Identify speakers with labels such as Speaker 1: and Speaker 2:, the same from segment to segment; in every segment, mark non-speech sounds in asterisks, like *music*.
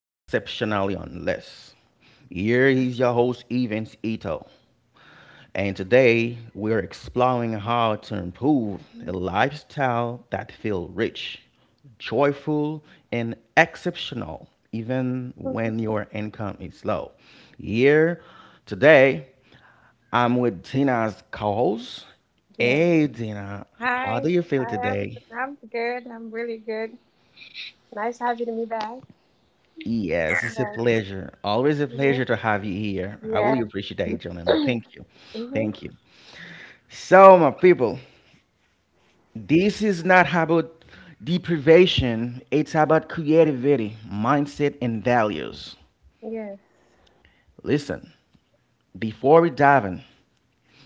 Speaker 1: exceptionally unless. Here is your host, Evans Ito, and today we're exploring how to improve a lifestyle that feels rich, joyful, and exceptional, even when your income is low. Here today, I'm with Tina's co host.
Speaker 2: Yeah.
Speaker 1: Hey, Tina, how do
Speaker 2: Hi.
Speaker 1: you feel
Speaker 2: Hi,
Speaker 1: today?
Speaker 2: everyone. I'm good. I'm really good. Nice having me back.
Speaker 1: Yes, it's a
Speaker 2: Yes.
Speaker 1: pleasure. Always a pleasure
Speaker 2: Mhm.
Speaker 1: to have you here. I really
Speaker 2: Yeah.
Speaker 1: appreciate that, gentlemen.
Speaker 2: *clears throat*
Speaker 1: Thank you.
Speaker 2: Hmm.
Speaker 1: Thank you. So, my people, this is not about deprivation, it's about creativity, mindset, and values.
Speaker 2: Yes.
Speaker 1: Listen, before we dive in,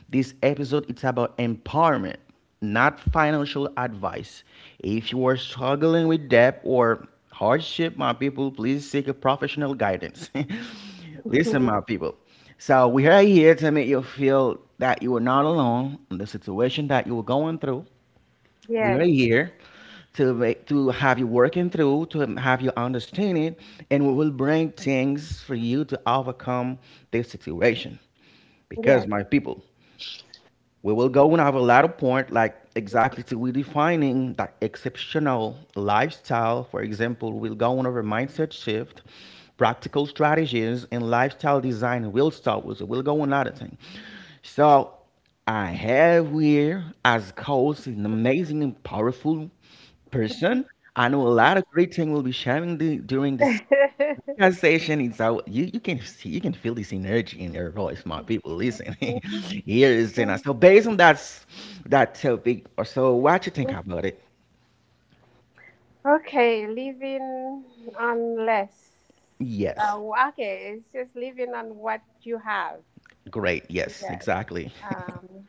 Speaker 1: this episode it's about empowerment, not financial advice. If you are struggling with debt or hardship, my people, please seek a professional guidance. *laughs* Listen,
Speaker 2: Mhm.
Speaker 1: my people. So we are here to make you feel that you are not alone in the situation that you are going through. We are
Speaker 2: Yes.
Speaker 1: here to make, to have you working through, to have you understand it, and we will bring things for you to overcome this situation. Because
Speaker 2: Yes.
Speaker 1: my people, we will go and have a lot of point, like exactly to we defining that exceptional lifestyle. For example, we'll go on over mindset shift, practical strategies, and lifestyle design. We'll start with it. We'll go on other thing. So I have here as coach an amazing and powerful person. I know a lot of great things will be sharing the, during this
Speaker 2: *laughs*
Speaker 1: conversation is out. You can see you can feel this energy in your voice, my people. Listen, *laughs* here is Jenna. So based on that that topic, or so what you think about it?
Speaker 2: Okay. Living on less. Uh,
Speaker 1: Yes,
Speaker 2: okay. It's just living on what you have.
Speaker 1: great. Yes,
Speaker 2: Yes.
Speaker 1: exactly.
Speaker 2: Um,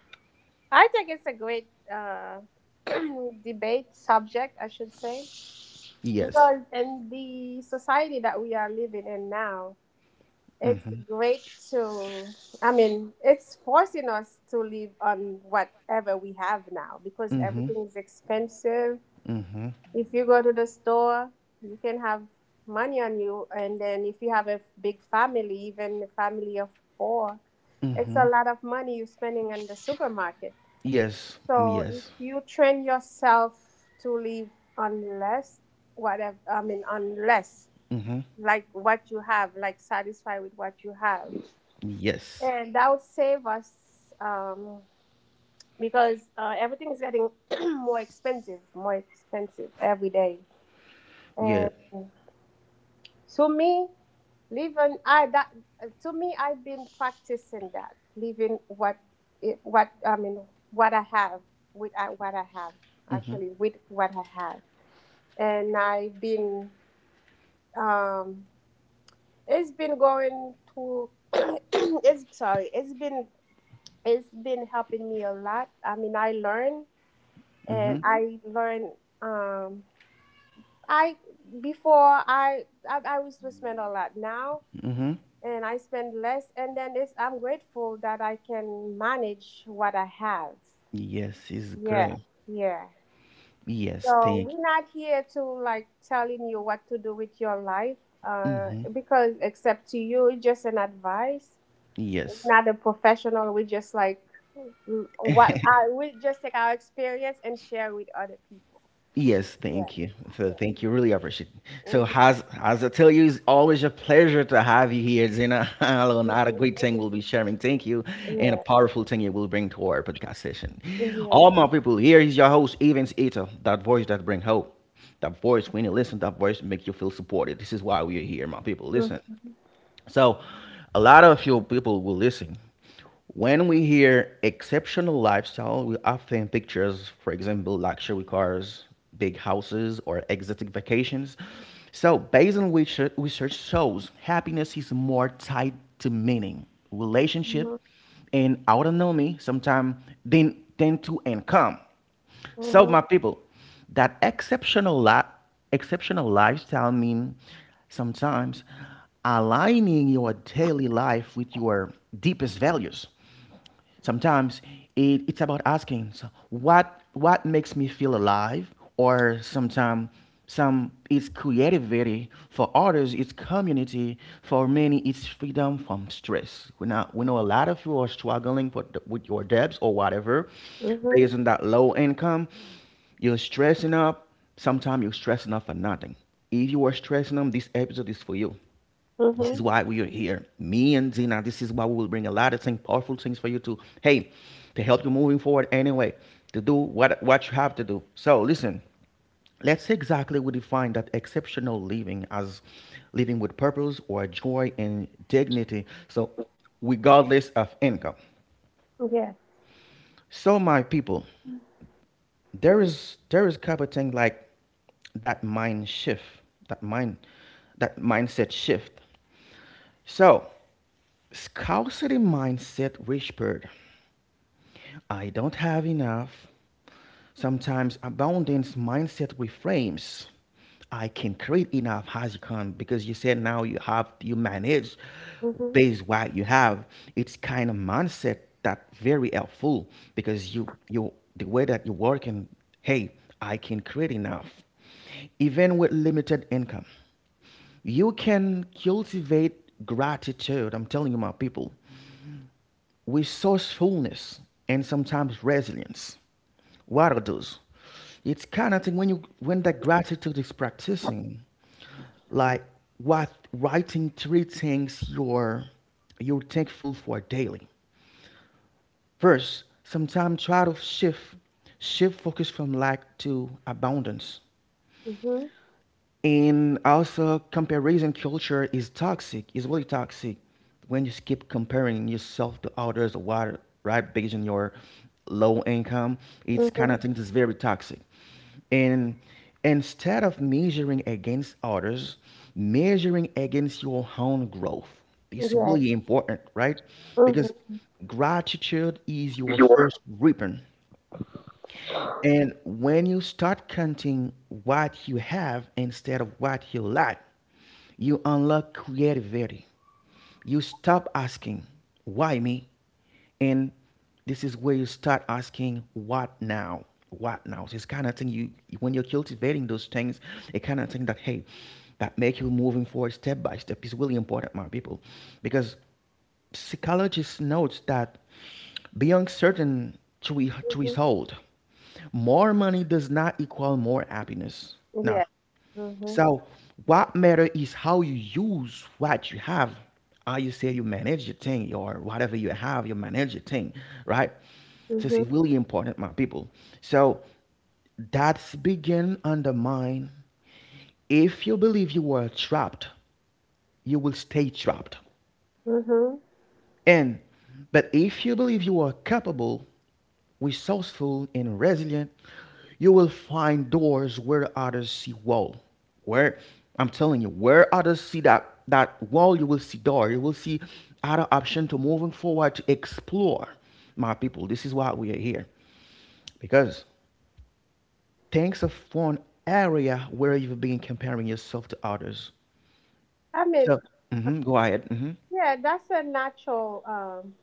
Speaker 2: I think it's a great *clears throat* debate subject, I should say.
Speaker 1: *laughs* Yes.
Speaker 2: Because in the society that we are living in now, it's
Speaker 1: Mhm.
Speaker 2: great to, I mean, it's forcing us to live on whatever we have now because
Speaker 1: Mhm.
Speaker 2: everything is expensive.
Speaker 1: Mhm.
Speaker 2: If you go to the store, you can have money on you. And then if you have a big family, even a family of four, it's a
Speaker 1: Mhm.
Speaker 2: lot of money you're spending in the supermarket.
Speaker 1: Yes.
Speaker 2: So if
Speaker 1: Yes.
Speaker 2: you train yourself to live on less, whatever, I mean, on less,
Speaker 1: Mhm.
Speaker 2: like what you have, like satisfied with what you have.
Speaker 1: Yes.
Speaker 2: And that would save us, um, because everything is getting *clears throat* more expensive every day.
Speaker 1: Yeah.
Speaker 2: And to me, living I that to me, I've been practicing that, living what it, what I mean, what I have what I have
Speaker 1: Mhm.
Speaker 2: actually, with what I have, and I've been, um, it's been going to *clears throat* it's sorry it's been it's been helping me a lot. I mean, I learn and
Speaker 1: Mhm.
Speaker 2: I learn. Um, I I used to spend a lot, now,
Speaker 1: Mhm.
Speaker 2: and I spend less. And then it's I'm grateful that I can manage what I have.
Speaker 1: Yes is
Speaker 2: Yeah,
Speaker 1: great.
Speaker 2: yeah.
Speaker 1: Yes.
Speaker 2: So
Speaker 1: Thank.
Speaker 2: we're not here to like telling you what to do with your life, because, except to you, it's just an advice.
Speaker 1: Yes.
Speaker 2: Not a professional. We just like, mm, what I we just take our experience and share with other people.
Speaker 1: Yes,
Speaker 2: Yeah,
Speaker 1: thank you. So
Speaker 2: yeah,
Speaker 1: thank you. Really appreciate it. So
Speaker 2: Mhm.
Speaker 1: as I tell you, it's always a pleasure to have you here, Zena. *laughs* Another great thing we'll be
Speaker 2: *laughs*
Speaker 1: sharing. Thank you. And a
Speaker 2: Yeah,
Speaker 1: powerful thing you will bring to our podcast session.
Speaker 2: yeah.
Speaker 1: All my people, here is your host, Evans Ito, that voice that bring hope. That voice, when you listen, that voice make you feel supported. This is why we are here, my people. Listen.
Speaker 2: Mm-hmm.
Speaker 1: So a lot of your people will listen. When we hear exceptional lifestyle, we often pictures, for example, luxury cars, big houses, or exotic vacations. So, based on which research shows, happiness is more tied to meaning,
Speaker 2: Mm-hmm.
Speaker 1: relationship, and autonomy sometimes than to income. So, my people, that exceptional exceptional lifestyle mean sometimes aligning your daily life with your deepest values, sometimes it's about asking, so what makes me feel alive, or sometimes some it's creativity, for others it's community, for many it's freedom from stress. We know, we know a lot of you are struggling with your debts or whatever,
Speaker 2: Mm-hmm.
Speaker 1: based on that low income. You're stressing up, sometimes you're stressing up for nothing. If you are stressing up, this episode is for you. This
Speaker 2: Mm-hmm.
Speaker 1: is why we are here. Me and Zina, this is why we will bring a lot of things, powerful things for you to, hey, to help you moving forward anyway, to do what you have to do. So listen, let's exactly we define that exceptional living as living with purpose or joy and dignity. So regardless of income.
Speaker 2: Yes.
Speaker 1: So my people, there is kind of thing like that mind shift, that mind that mindset shift. So scarcity mindset whispered, I don't have enough. Sometimes abundance mindset reframes, I can create enough, as you can, because you said now you have, you manage
Speaker 2: Mm-hmm.
Speaker 1: based what you have. It's kind of mindset that very helpful because you the way that you work, and hey, I can create enough. Even with limited income, you can cultivate gratitude. I'm telling you, my people, resourcefulness and sometimes resilience. What are those? It's kind of thing when you, when that gratitude is practicing, like what, writing three things you're thankful for daily. First, sometimes try to shift focus from lack to abundance.
Speaker 2: Mm-hmm.
Speaker 1: And also, comparison culture is toxic. It's really toxic when you keep comparing yourself to others, or what, right? Based on your low income, it's kind
Speaker 2: Mm-hmm.
Speaker 1: of thing that's very toxic. And instead of measuring against others, measuring against your own growth is
Speaker 2: Yes.
Speaker 1: really important, right? Because
Speaker 2: Mm-hmm.
Speaker 1: gratitude is your
Speaker 2: Your.
Speaker 1: first ribbon. And when you start counting what you have instead of what you lack, you unlock creativity. You stop asking, why me? And this is where you start asking, what now? What now? So it's kind of thing you, when you're cultivating those things, it kind of thing that, hey, that make you moving forward step by step is really important, my people. Because psychologists notes that beyond certain
Speaker 2: Mm-hmm.
Speaker 1: threshold, more money does not equal more happiness. Now,
Speaker 2: Yes. Mm-hmm.
Speaker 1: so what matter is how you use what you have. How you say you manage your thing, or whatever you have, you manage your thing, right? So it's
Speaker 2: Mm-hmm.
Speaker 1: really important, my people. So that's begin undermine. If you believe you are trapped, you will stay trapped.
Speaker 2: Mm-hmm.
Speaker 1: And but if you believe you are capable, resourceful, and resilient, you will find doors where others see wall. Where I'm telling you, where others see that wall, you will see door. You will see other option to moving forward to explore. My people, this is why we are here, because thanks of one area where you've been comparing yourself to others.
Speaker 2: I mean,
Speaker 1: So, mhm, go ahead. Hmm.
Speaker 2: yeah, that's a natural,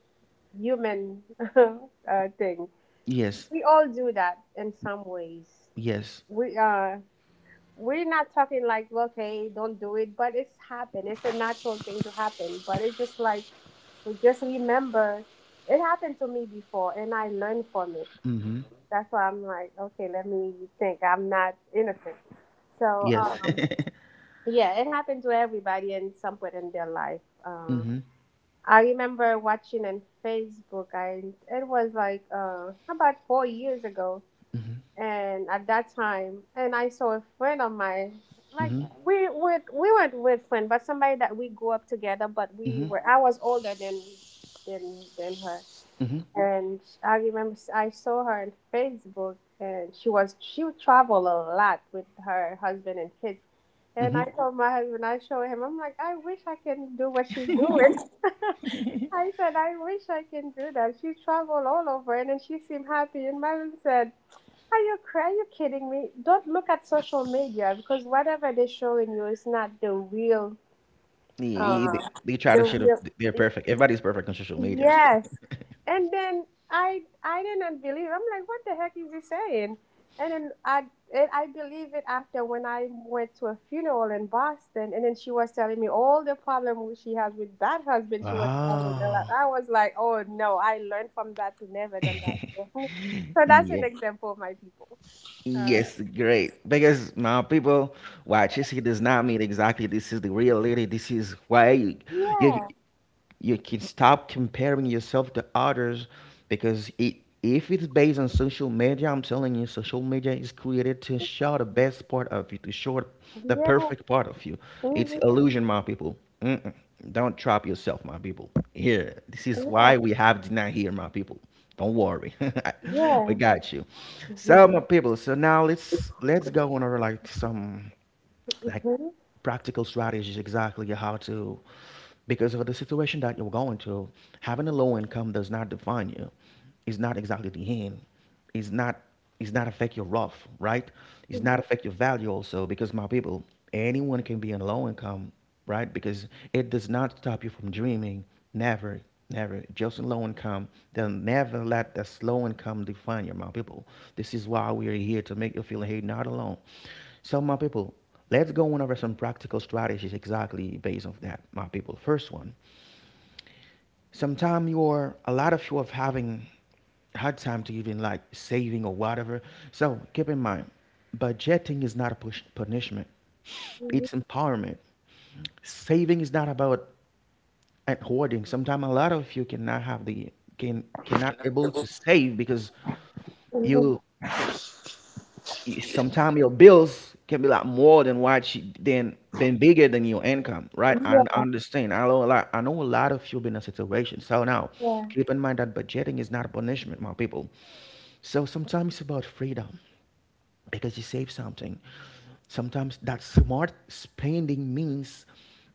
Speaker 2: human *laughs* thing.
Speaker 1: Yes,
Speaker 2: We all do that in some ways.
Speaker 1: yes,
Speaker 2: We uh, we're not talking like, okay, don't do it, but it's happened. It's a natural thing to happen, but it's just like, we just remember. It happened to me before, and I learned from it.
Speaker 1: hmm,
Speaker 2: That's why I'm like, okay, let me think, I'm not innocent. So
Speaker 1: yes. *laughs*
Speaker 2: yeah, it happened to everybody in some point in their life. uh,
Speaker 1: Hmm.
Speaker 2: I remember watching on Facebook. I It was like about 4 years ago. And at that time, and I saw a friend of mine, like,
Speaker 1: Hmm.
Speaker 2: we weren't with friend, but somebody that we grew up together, but, we
Speaker 1: Hmm.
Speaker 2: were I was older than, her.
Speaker 1: Hmm.
Speaker 2: And I remember, I saw her on Facebook, and she would travel a lot with her husband and kids. And I
Speaker 1: Hmm.
Speaker 2: told my husband, I showed him, I'm like, I wish I can do what she's doing. *laughs* I said, I wish I can do that. She traveled all over, and then she seemed happy, and my husband said, are you crazy? Are you kidding me? Don't look at social media, because whatever they're showing you is not
Speaker 1: Yeah, yeah,
Speaker 2: uh,
Speaker 1: they try to show the,
Speaker 2: the
Speaker 1: they're
Speaker 2: real.
Speaker 1: perfect. Everybody's perfect on social media. *laughs*
Speaker 2: Yes, and then I didn't believe. I'm like, what the heck is he saying? And then I and I believe it after, when I went to a funeral in Boston, and then she was telling me all the problem she has with that husband. She was traveling a lot.
Speaker 1: Oh,
Speaker 2: I was like, oh no, I learned from that to never done that. *laughs* So that's an
Speaker 1: yeah.
Speaker 2: example, my people. All right.
Speaker 1: Yes, great. Because now people watch this, it does not mean exactly this is the reality. This is why you
Speaker 2: Yeah,
Speaker 1: you can stop comparing yourself to others, because it, if it's based on social media, I'm telling you, social media is created to show the best part of you, to show the
Speaker 2: yeah,
Speaker 1: perfect part of you. It's
Speaker 2: mhm,
Speaker 1: illusion, my people. Mm-mm. Don't trap yourself, my people. Here, this is
Speaker 2: yeah,
Speaker 1: why we have Dina here, my people. Don't worry, *laughs* we
Speaker 2: yeah.
Speaker 1: got you.
Speaker 2: Mhm,
Speaker 1: So, my people. So now let's go on over like some like
Speaker 2: mhm,
Speaker 1: practical strategies, exactly how to, because of the situation that you're going to, having a low income does not define you. It's not exactly the end. It's not, it's not affect your rough, right? It's not
Speaker 2: mhm.
Speaker 1: affect your value also, because my people, anyone can be on low income, right? Because it does not stop you from dreaming. Never, never. Just low income. They'll never let the slow income define you, my people. This is why we are here to make you feel, hey, not alone. So, my people, let's go on over some practical strategies exactly based on that, my people. First one. Sometimes you are, a lot of you are having hard time to even like saving or whatever. So keep in mind, budgeting is not a punishment;
Speaker 2: Mhm.
Speaker 1: it's empowerment. Saving is not about and hoarding. Sometimes a lot of you cannot have the, cannot
Speaker 2: Can I
Speaker 1: able to
Speaker 2: ever-
Speaker 1: save because you,
Speaker 2: Mhm. Yeah, sometimes-
Speaker 1: sometimes your bills can be like more than what you, than been bigger than your income, right? I
Speaker 2: yeah.
Speaker 1: understand. I know a lot of you been in a situation, so now
Speaker 2: Yeah,
Speaker 1: keep in mind that budgeting is not a punishment, my people. So sometimes it's about freedom, because you save something. Sometimes that smart spending means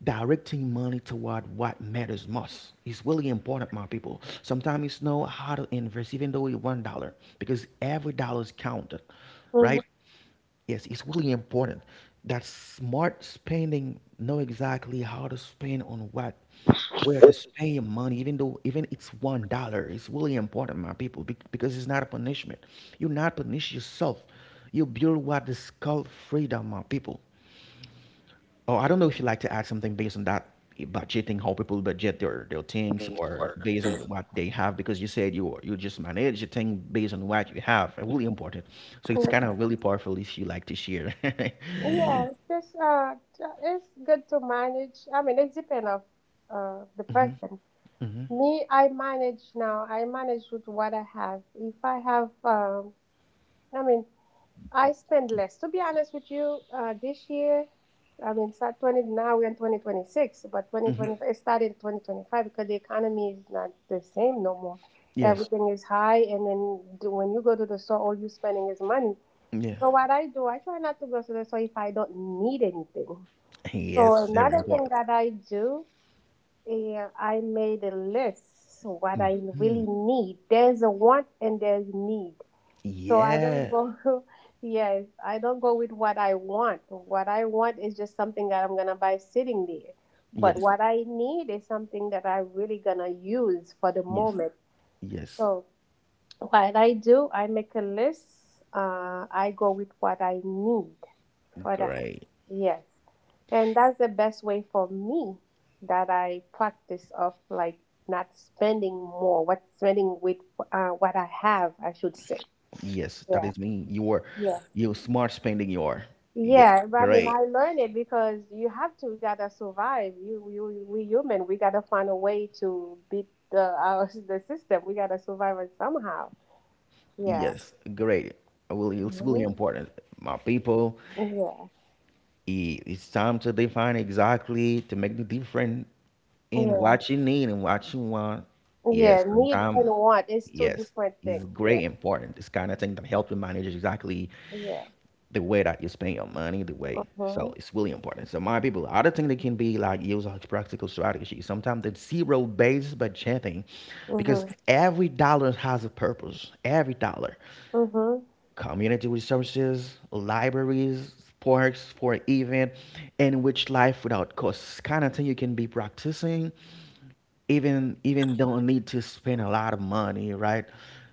Speaker 1: directing money toward what matters most. It's really important, my people. Sometimes you know how to invest, even though you $1, because every dollar is counted,
Speaker 2: mhm.
Speaker 1: right? Yes, it's really important that smart spending, know exactly how to spend on what, where to spend your money, even though even it's $1. It's really important, my people, because it's not a punishment. You not punish yourself. You build what is called freedom, my people. Oh, I don't know if you like to add something based on that, eh, budgeting, how people budget their things
Speaker 2: Things
Speaker 1: or
Speaker 2: or-
Speaker 1: based
Speaker 2: Yeah,
Speaker 1: on what they have, because you said you just manage the thing based on what you have. Eh, really important. So it's kind of really powerful if you like to share. *laughs*
Speaker 2: yeah, it's good to manage. I mean, it's depend of the person.
Speaker 1: Mhm.
Speaker 2: Me, I manage now. I manage with what I have. If I have, I mean, I spend less. To be honest with you, this year, I mean, start twenty now we're in 2026, but twenty twenty it started 2025, because the economy is not the same no more.
Speaker 1: Yes.
Speaker 2: Everything is high, and then when you go to the store, all you spending is money.
Speaker 1: Yeah.
Speaker 2: So what I do, I try not to go to the store if I don't need anything. So
Speaker 1: Yes, very
Speaker 2: another thing
Speaker 1: important.
Speaker 2: that I do, yeah, I made a list so what I
Speaker 1: Mhm.
Speaker 2: really need. There's a want and there's need. So I don't
Speaker 1: Yeah.
Speaker 2: go, *laughs* yes, I don't go with what I want. What I want is just something that I'm gonna buy sitting there. But
Speaker 1: Yes.
Speaker 2: what I need is something that I really gonna use for the
Speaker 1: Yes.
Speaker 2: moment.
Speaker 1: Yes.
Speaker 2: So what I do, I make a list. I go with what I need for the house.
Speaker 1: Great.
Speaker 2: Yes. And that's the best way for me, that I practice, of like not spending more, what spending with what I have, I should say.
Speaker 1: Yes, that
Speaker 2: Yeah.
Speaker 1: is me. You are,
Speaker 2: Yeah.
Speaker 1: you smart spending your. Yes.
Speaker 2: Yeah, but I mean,
Speaker 1: Great.
Speaker 2: I learned it, because we gotta survive. We human, we gotta find a way to beat *laughs* the system. We gotta survive it somehow. Yeah.
Speaker 1: Yes, great. I will- it's really important. My people,
Speaker 2: Mhm.
Speaker 1: I- it's time to define exactly to make the difference in
Speaker 2: Yeah.
Speaker 1: what you need and what you want.
Speaker 2: Yeah.
Speaker 1: Yes,
Speaker 2: Need
Speaker 1: sometimes,
Speaker 2: and want is two
Speaker 1: yes,
Speaker 2: different
Speaker 1: it's
Speaker 2: things. Yeah.
Speaker 1: great important. It's kind of thing that help you manage exactly
Speaker 2: Yeah.
Speaker 1: the way that you spend your money, the way. So
Speaker 2: Mhm.
Speaker 1: it's really important. So my people, other thing that can be like use as practical strategy. Sometimes it's zero based budgeting, because
Speaker 2: Mhm.
Speaker 1: every dollar has a purpose. Every dollar.
Speaker 2: Mhm.
Speaker 1: Community resources, libraries, sports for event, and which life without cost. Kind of thing you can be practicing even don't need to spend a lot of money, right?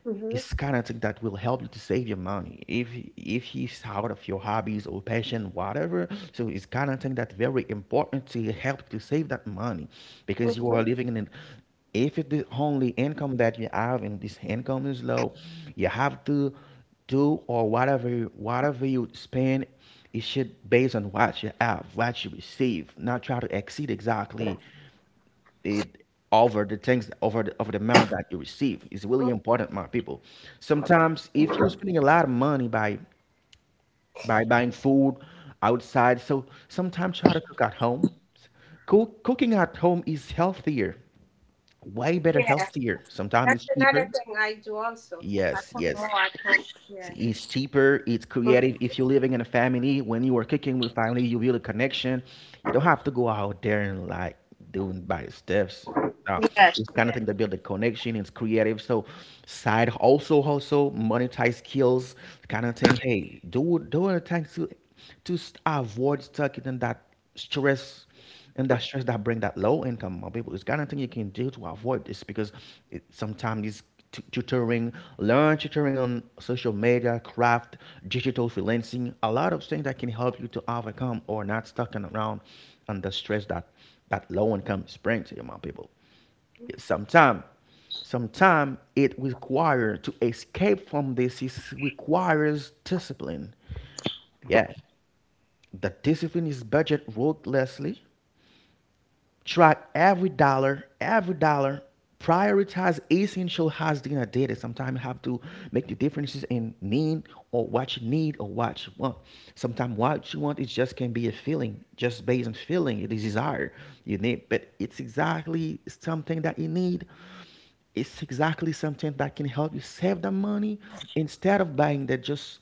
Speaker 2: Mhm.
Speaker 1: It's kind of thing that will help you to save your money if you out of your hobbies or passion, whatever. So it's kind of thing that very important to help to save that money because you are
Speaker 2: Mhm.
Speaker 1: living in an if it's the only income that you have and this income is low, you have to do or whatever whatever you spend, it should based on what you have, what you receive, not try to exceed exactly it over the things over the amount that you receive. It's really important, my people. Sometimes if you're spending a lot of money by buying food outside, so sometimes try to cook at home. Cook, cooking at home is healthier, way better,
Speaker 2: Yeah,
Speaker 1: healthier, sometimes
Speaker 2: that's
Speaker 1: it's cheaper.
Speaker 2: another thing I do also. I
Speaker 1: yes
Speaker 2: cook
Speaker 1: yes
Speaker 2: more I cook. Yeah.
Speaker 1: It's cheaper, it's creative.
Speaker 2: Mhm.
Speaker 1: If you're living in a family, when you are cooking with family, you build a connection. You don't have to go out there and like doing by steps. No,
Speaker 2: Yes.
Speaker 1: it's kind of
Speaker 2: Yeah.
Speaker 1: thing that build a connection. It's creative. So side also monetize skills kind of thing. Hey, do a time to avoid stuck in that stress and that stress that bring that low income or people. It's kind of thing you can do to avoid this because it, sometimes it's tutoring, learn tutoring on social media, craft, digital freelancing, a lot of things that can help you to overcome or not stuck in around under stress that that low income is bringing to you, my people. sometimes Sometimes it requires to escape from this, is requires discipline, yeah. The discipline is budget ruthlessly, track every dollar, every dollar. Prioritize essential has dinner data. Sometimes you have to make the differences in need, or what you need or what you want. Sometimes what you want it just can be a feeling, just based on feeling, the desire you need, but it's exactly something that you need, it's exactly something that can help you save the money, instead of buying that just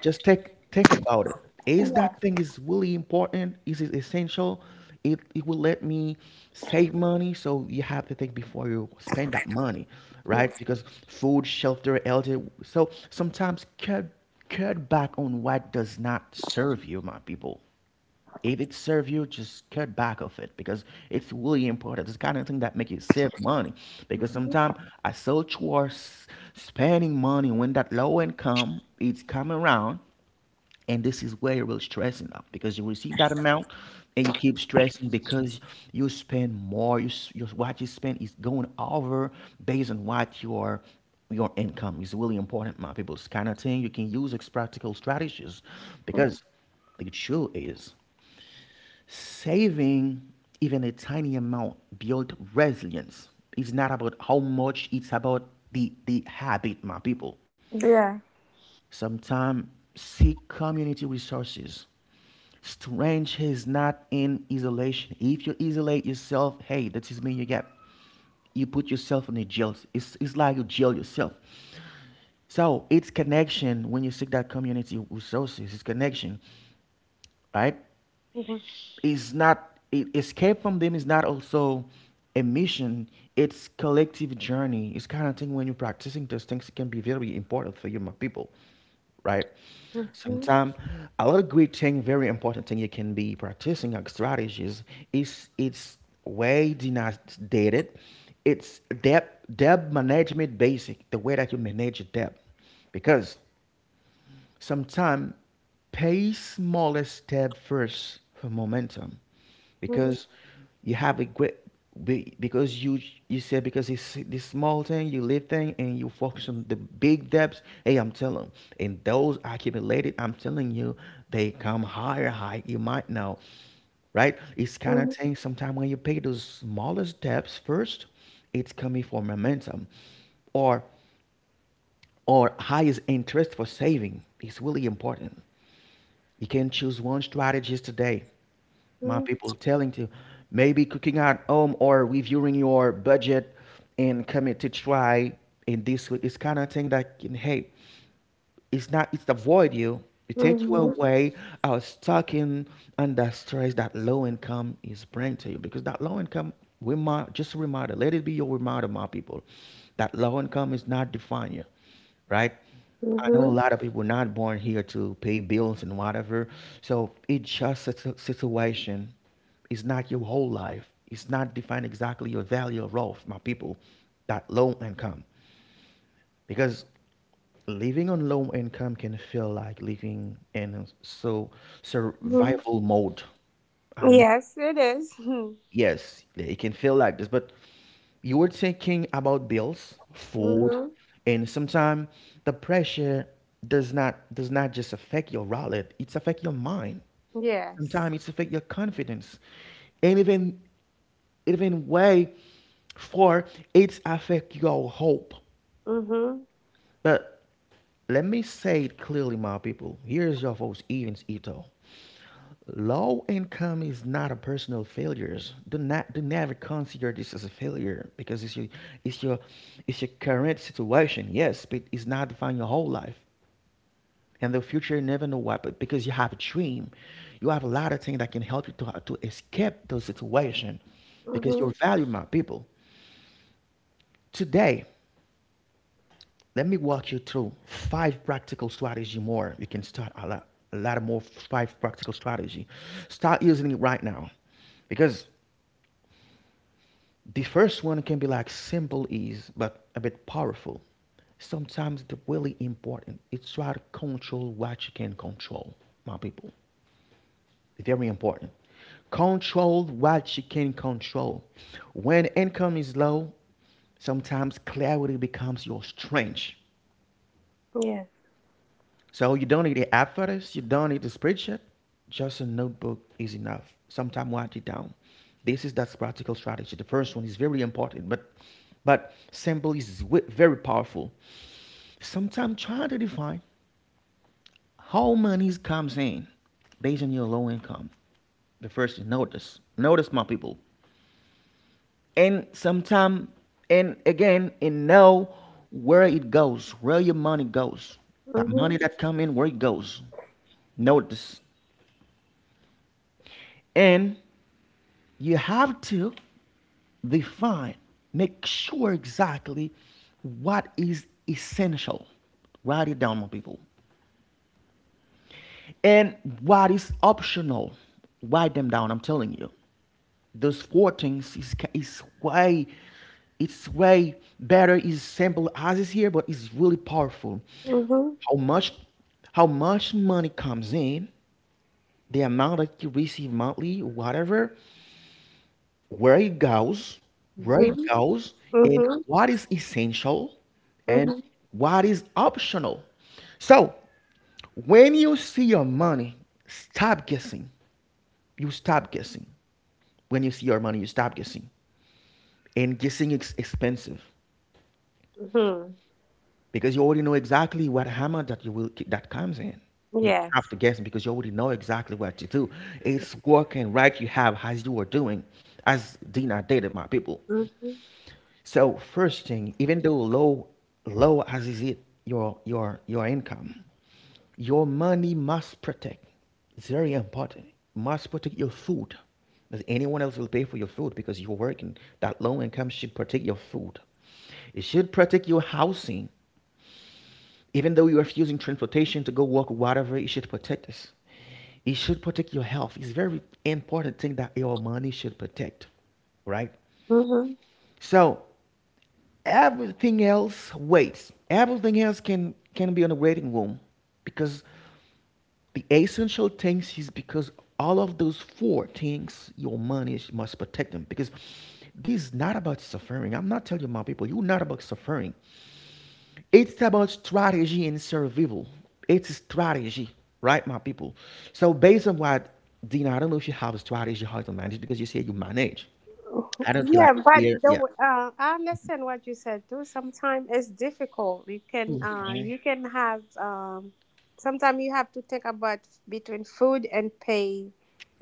Speaker 1: just take think about it. Is
Speaker 2: Yeah.
Speaker 1: that thing is really important, is it essential? It will let me save money, so you have to think before you spend that money,
Speaker 2: Yeah.
Speaker 1: right? Because food, shelter, elder, so sometimes cut back on what does not serve you, my people. If it serve you, just cut back of it, because it's really important. It's kind of thing that make you save money, because
Speaker 2: mm-hmm.
Speaker 1: sometimes I so are spending money when that low income it's coming around, and this is where you will stressing up because you receive that amount and you keep stressing because you spend more. You, your what you spend is going over based on what your income is really important, my people. It's kind of thing you can use as practical strategies, because the truth is, saving even a tiny amount builds resilience. It's not about how much, it's about the habit, my people.
Speaker 2: Yeah.
Speaker 1: Sometimes seek community resources. Strength is not in isolation. If you isolate yourself, hey, that is me. You get, you put yourself in a jail. It's like you jail yourself. So it's connection when you seek that community resources. It's connection, right?
Speaker 2: Mhm.
Speaker 1: Is not escape from them, is not also a mission, it's collective journey. It's kind of thing when you're practicing those things, it can be very important for you, my people, right?
Speaker 2: Mhm.
Speaker 1: Sometimes a lot of great thing, very important thing you can be practicing like strategies, is it's way denominated. It's debt management basic, the way that you manage your debt. Because sometimes pay smaller step first for momentum, because you have a great because you said because it's this small thing, you live thing, and you focus on the big depths. Hey, I'm telling, and those accumulated, I'm telling you, they come higher, high, you might know, right? It's kind of
Speaker 2: Mhm.
Speaker 1: thing sometimes when you pay those smaller steps first, it's coming for momentum, or or highest interest for saving. It's really important. You can choose one strategy today, my
Speaker 2: Mhm.
Speaker 1: people, telling to maybe cooking at home or reviewing your budget, and commit to try in this week. It's kind of thing that can help. It's not, it's avoid you, it
Speaker 2: Mhm.
Speaker 1: takes you
Speaker 2: Mhm.
Speaker 1: away. I was talking under stress that low income is bringing to you, because that low income, we might just a reminder, let it be your reminder, my people, that low income is not define you, right? I know a
Speaker 2: Mhm.
Speaker 1: lot of people not born here to pay bills and whatever. So it's just a situation. It's not your whole life. It's not define exactly your value of wealth, my people. That low income, because living on low income can feel like living in so
Speaker 2: Mhm.
Speaker 1: survival mode. I know.
Speaker 2: Yes, it is. *laughs* Mhm.
Speaker 1: Yes, yeah, it can feel like this, but you were thinking about bills, food,
Speaker 2: Mhm.
Speaker 1: and sometimes the pressure, does not just affect your wallet, it's affect your mind.
Speaker 2: Yes.
Speaker 1: Sometimes it's affect your confidence. And even way for it's affect your hope.
Speaker 2: Mhm.
Speaker 1: But let me say it clearly, my people. Here's your host, Evans Ito. Low income is not a personal failure. Do never consider this as a failure, because it's your it's your it's your current situation, yes, but it's not defining your whole life. And the future you never know what, but because you have a dream, you have a lot of things that can help you to escape those situation, because
Speaker 2: Mhm.
Speaker 1: you're valued, my people. Today, let me walk you through five practical strategy more. You can start a lot more five practical strategy. Start using it right now, because the first one can be like simple is, but a bit powerful. Sometimes it's really important. It's try to control what you can control, my people. It's very important. Control what you can control. When income is low, sometimes clarity becomes your strength.
Speaker 2: Yes.
Speaker 1: So you don't need the app for this. You don't need the spreadsheet. Just a notebook is enough. Sometimes write it down. This is that practical strategy. The first one is very important, but simple is very powerful. Sometimes try to define how money comes in based on your low income. The first is notice. Notice, my people. And sometimes and again and know where it goes, where your money goes. That
Speaker 2: Mhm.
Speaker 1: money that come in, where it goes. Notice. And you have to define, make sure exactly what is essential. Write it down, my people. And what is optional. Write them down, I'm telling you. Those four things is way, it's way better, is simple as is here, but it's really powerful.
Speaker 2: Mhm.
Speaker 1: How much, how much money comes in, the amount that you receive monthly, whatever, where it goes, where
Speaker 2: Mhm.
Speaker 1: it goes, and
Speaker 2: Mhm.
Speaker 1: what is essential and
Speaker 2: Mhm.
Speaker 1: what is optional. So when you see your money, stop guessing. You stop guessing. When you see your money, you stop guessing. And guessing is expensive
Speaker 2: Mhm.
Speaker 1: because you already know exactly what hammer that you will that comes in. You don't have
Speaker 2: Yes.
Speaker 1: to guess because you already know exactly what to do. It's working, right, you have as you are doing, as Dina did, my people.
Speaker 2: Mhm.
Speaker 1: So first thing, even though low, low as is it your your income, your money must protect. It's very important. Must protect your food. Because anyone else will pay for your food because you're working. That low income should protect your food. It should protect your housing. Even though you are using transportation to go work, whatever, it should protect us. It should protect your health. It's very important thing that your money should protect, right?
Speaker 2: Mhm.
Speaker 1: So everything else waits. Everything else can be on the waiting room, because the essential things is because all of those four things your money must protect them, because this is not about suffering. I'm not telling you, my people, you're not about suffering. It's about strategy and survival. It's strategy, right, my people? So based on what, Dina, I don't know if you have a strategy how to manage because you say you manage. I don't feel
Speaker 2: Yeah,
Speaker 1: like
Speaker 2: but
Speaker 1: here, yeah,
Speaker 2: I understand what you said too. Sometimes it's difficult.
Speaker 1: okay.
Speaker 2: You can have sometimes you have to think about between food and pay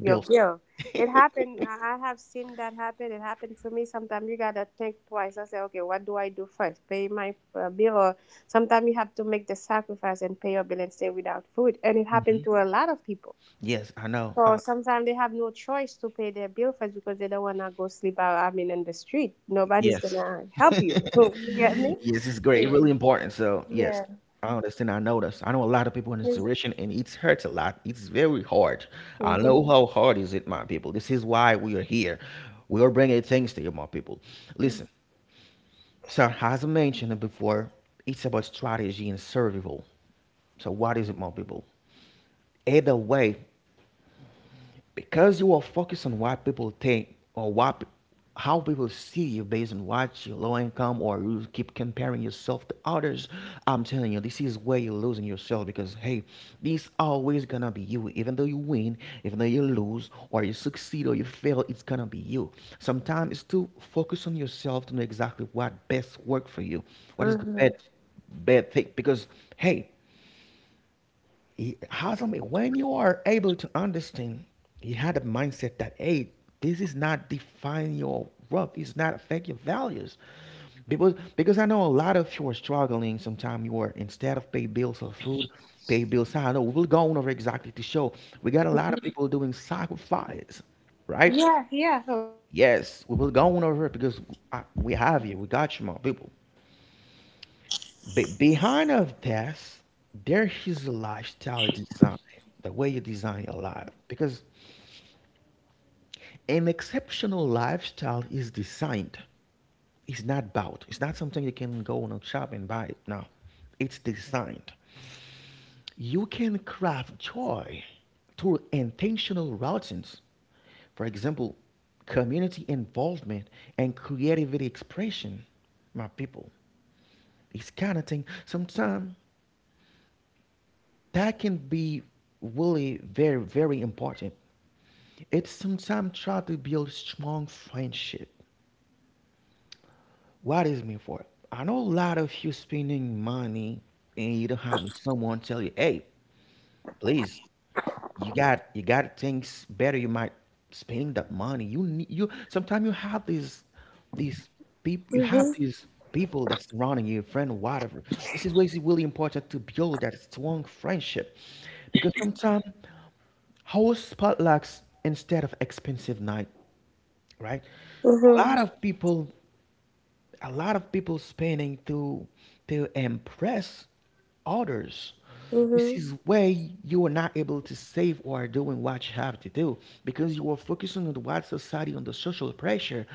Speaker 2: your
Speaker 1: Bills.
Speaker 2: bill. It happened. I have seen that happen. It happened to me. Sometimes you gotta think twice. I say, okay, what do I do first? Pay my bill, or sometimes you have to make the sacrifice and pay your bill and stay without food. And it
Speaker 1: Hmm.
Speaker 2: happened to a lot of people.
Speaker 1: Yes, I know.
Speaker 2: So sometimes they have no choice to pay their bill first, because they don't wanna go sleep out. I mean, in the street, nobody's
Speaker 1: Yes.
Speaker 2: gonna
Speaker 1: *laughs*
Speaker 2: help you. *laughs*
Speaker 1: yes,
Speaker 2: You get me?
Speaker 1: it's great. It's really important. So yes,
Speaker 2: Yeah.
Speaker 1: I understand. I know this. I know a lot of people in this
Speaker 2: Yes.
Speaker 1: situation, and it hurts a lot. It's very hard. I
Speaker 2: Mhm.
Speaker 1: know how hard is it, my people. This is why we are here. We are bringing things to you, my people. Listen. So as I mentioned it before, it's about strategy and survival. So what is it, my people? Either way, because you are focused on what people think or what how people see you based on what your low income, or you keep comparing yourself to others, I'm telling you, this is where you're losing yourself. Because hey, this always gonna be you. Even though you win, even though you lose, or you succeed or you fail, it's gonna be you. Sometimes it's to focus on yourself, to know exactly what best work for you. What is the best
Speaker 2: Mhm.
Speaker 1: bad thing? Because hey, it has a, when you are able to understand, you had a mindset that, hey, this is not define your rough, it's not affect your values. Because I know a lot of you are struggling. Sometimes you are instead of pay bills or food, pay bills. I know we'll go over exactly to show we got a lot of people doing sacrifice, right?
Speaker 2: Yeah. Yeah. A lot. Yeah.
Speaker 1: Yes, we will go over it because I, we have you. We got you, my people. But behind of this, there is a lifestyle design, the way you design your life. Because an exceptional lifestyle is designed. It's not bought. It's not something you can go on a shop and buy it. No, it's designed. You can craft joy through intentional routines. For example, community involvement and creativity expression, my people. It's kind of thing. Sometimes that can be really very important. It's sometimes try to build strong friendship. What is me for? I know a lot of you spending money, and you don't have someone tell you, hey, please, you got things better. You might spending that money you need. You sometimes you have these these people, you have
Speaker 2: Mhm.
Speaker 1: these people that's surrounding you, friend, whatever. This is why it's really important to build that strong friendship. Because sometimes house potlucks instead of expensive night, right? A
Speaker 2: Mhm.
Speaker 1: lot of people, a lot of people spending to impress others. This
Speaker 2: Mhm.
Speaker 1: is where you are not able to save or doing what you have to do, because you are focusing on the white society, on the social pressure,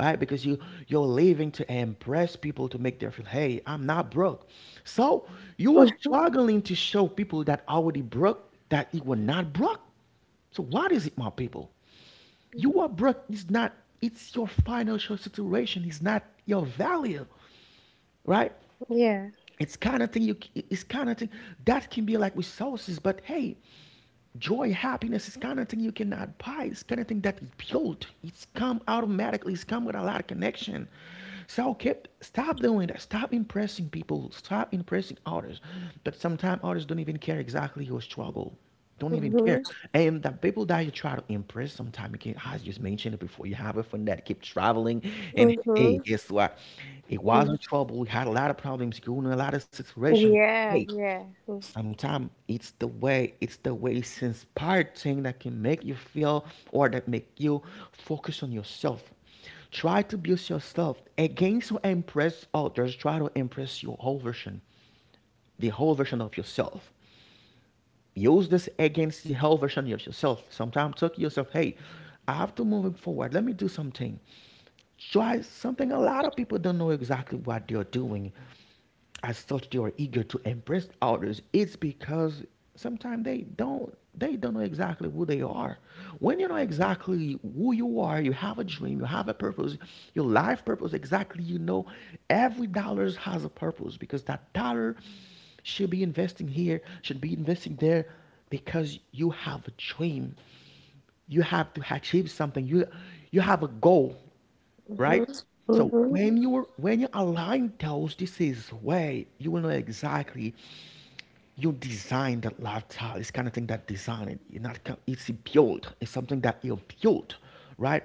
Speaker 1: right? Because you're living to impress people to make them feel, hey, I'm not broke. So you are
Speaker 2: Mm.
Speaker 1: struggling to show people that already broke that you were not broke. So what is it, my people? You
Speaker 2: *laughs*
Speaker 1: are broke. It's not. It's your financial situation. It's not your value, right?
Speaker 2: Yeah.
Speaker 1: It's kind of thing. You. It's kind of thing that can be like resources, but hey, joy, happiness is kind of thing you cannot buy. It's kind of thing that is built. It's come automatically. It's come with a lot of connection. So keep stop doing that. Stop impressing people. Stop impressing others. But sometimes others don't even care exactly your struggle. Don't even care.
Speaker 2: Mhm.
Speaker 1: And the people that you try to impress sometimes you can, I just mentioned it before. You have a friend that keep traveling, and hey,
Speaker 2: Mhm.
Speaker 1: guess what? It was
Speaker 2: Mm.
Speaker 1: in trouble. He had a lot of problems, going in a lot of situation. Hey,
Speaker 2: Yeah. Yeah. Mhm.
Speaker 1: sometimes it's the way, it's the way it's inspired thing that can make you feel or that make you focus on yourself. Try to build yourself against or impress others. Try to impress your whole version, the whole version of yourself. Use this against the whole version of yourself. Sometimes talk to yourself, hey, I have to move forward. Let me do something. Try something. A lot of people don't know exactly what they're doing, as such they are eager to impress others. It's because sometimes they don't know exactly who they are. When you know exactly who you are, you have a dream, you have a purpose, your life purpose exactly, you know every dollar has a purpose. Because that dollar should be investing here, should be investing there, because you have a dream, you have to achieve something, you have a goal, right? So
Speaker 2: Mhm.
Speaker 1: when you are when you align those, this is way you will know exactly you design that lifestyle. It's kind of thing that design it. You're not it's built. It's something that you built, right?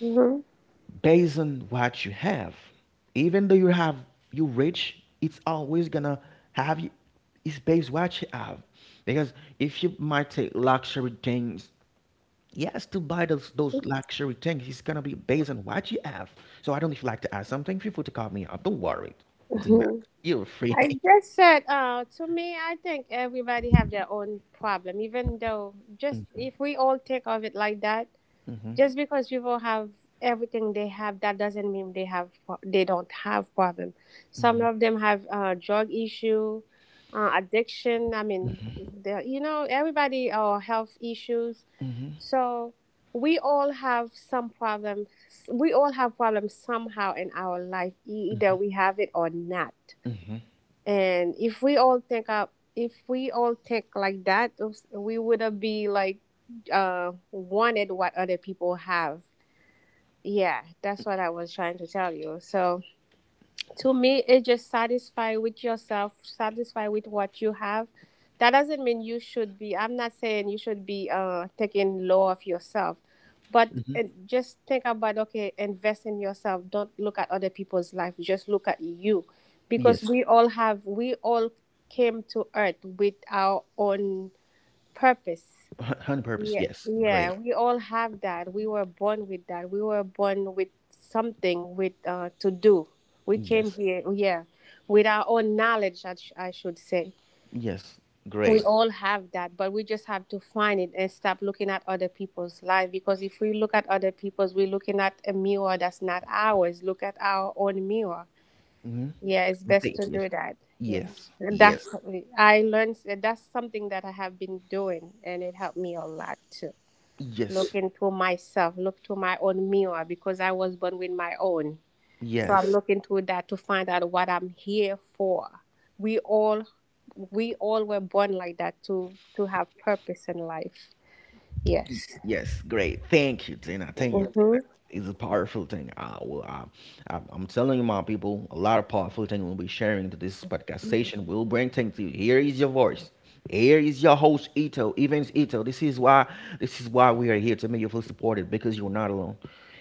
Speaker 2: Mhm. Mhm.
Speaker 1: Based on what you have. Even though you have you rich, it's always gonna have you, it's based what you have. Because if you might take luxury things, yes, to buy those luxury things, it's gonna be based on what you have. So I don't know if you like to add something, feel free to call me up, don't worry, Zina.
Speaker 2: *laughs*
Speaker 1: You're free.
Speaker 2: I just said, to me, I think everybody have their own problem. Even though, just if we all think of it like that, just because people have everything they have, that doesn't mean they have they don't have problem. Some of them have drug issue, addiction. I mean, everybody, or health issues. So we all have some problems. We all have problems somehow in our life. Either we have it or not. And if we all think up, if we all think like that, oops, we wouldn't be like wanted what other people have. Yeah, that's what I was trying to tell you. So to me, it's just satisfied with yourself, satisfied with what you have. That doesn't mean you should be I'm not saying you should be taking low of yourself. But just think about, okay, invest in yourself, don't look at other people's life, just look at you,
Speaker 1: *laughs*
Speaker 2: because
Speaker 1: yes.
Speaker 2: we all came to earth with our own purpose.
Speaker 1: Hun- on purpose,
Speaker 2: Yeah,
Speaker 1: yes,
Speaker 2: yeah,
Speaker 1: great.
Speaker 2: we all have that. We were born with that. We were born with something with to do. We came
Speaker 1: Yes,
Speaker 2: here, yeah, with our own knowledge, I should say.
Speaker 1: yes,
Speaker 2: We
Speaker 1: great.
Speaker 2: all have that, but we just have to find it, and stop looking at other people's life, because if we look at other people's, we're looking at a mirror that's not ours. Look at our own mirror.
Speaker 1: Mm-hmm.
Speaker 2: Yeah, it's best to
Speaker 1: Yes,
Speaker 2: do that. Yeah.
Speaker 1: yes,
Speaker 2: That's
Speaker 1: yes,
Speaker 2: I learned, that's something that I have been doing, and it helped me a lot too,
Speaker 1: yes,
Speaker 2: looking to myself, look to my own mirror, because I was born with my own. So I'm
Speaker 1: yes.
Speaker 2: looking to that to find out what I'm here for. We all we all were born like that, to have purpose in life.
Speaker 1: Y-
Speaker 2: Yes.
Speaker 1: yes, great. Thank you, Tina. Thank you, Tina.
Speaker 2: Mhm.
Speaker 1: It's a powerful thing. I will. I'm telling you, my people, a lot of powerful thing will be sharing to this podcast station. We'll bring things to you. Here is your voice. Here is your host, Ito. Evans Ito. This is why. This is why we are here to make you feel supported because you're not alone.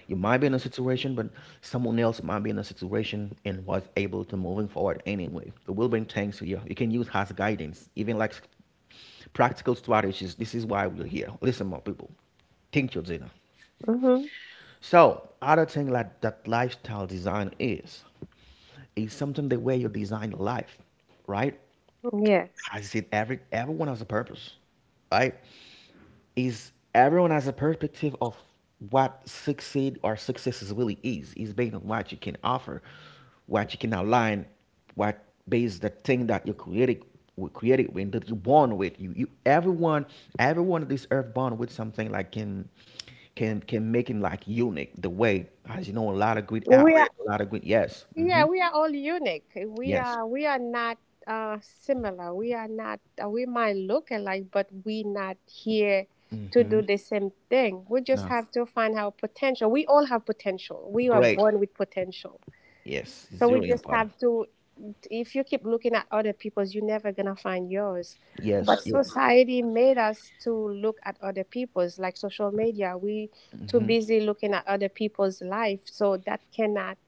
Speaker 1: You might be in a situation, but someone else might be in a situation and was able to moving forward anyway. The will bring things to you. You can use as guidance, even like practical strategies. This is why we're here. Listen, more people. Think your dinner.
Speaker 2: Mhm.
Speaker 1: So, other thing like that lifestyle design is something the way you design life, right?
Speaker 2: Yes.
Speaker 1: Has it everyone has a purpose, right? Is everyone has a perspective of what succeed or success is really is. Is based on what you can offer, what you can outline, what based the thing that you created, were created with, that you born with. You everyone, everyone of this earth born with something like can can make it like unique the way, as you know, a lot of great
Speaker 2: We
Speaker 1: outlet,
Speaker 2: are,
Speaker 1: a lot of great, yes.
Speaker 2: yeah,
Speaker 1: Hmm.
Speaker 2: we are all unique.
Speaker 1: Yes.
Speaker 2: We are not similar, we are not, we might look alike, but we not here to
Speaker 1: Hmm.
Speaker 2: do the same thing. We just
Speaker 1: No.
Speaker 2: have to find our potential. We all have potential. We are
Speaker 1: Great.
Speaker 2: born with potential.
Speaker 1: Yes. It's
Speaker 2: So we
Speaker 1: very
Speaker 2: just have
Speaker 1: important.
Speaker 2: to, if you keep looking at other people's, you're never gonna find yours.
Speaker 1: Yes.
Speaker 2: But
Speaker 1: You.
Speaker 2: society made us to look at other people's, like social media. We too
Speaker 1: Hmm.
Speaker 2: busy looking at other people's life, so that cannot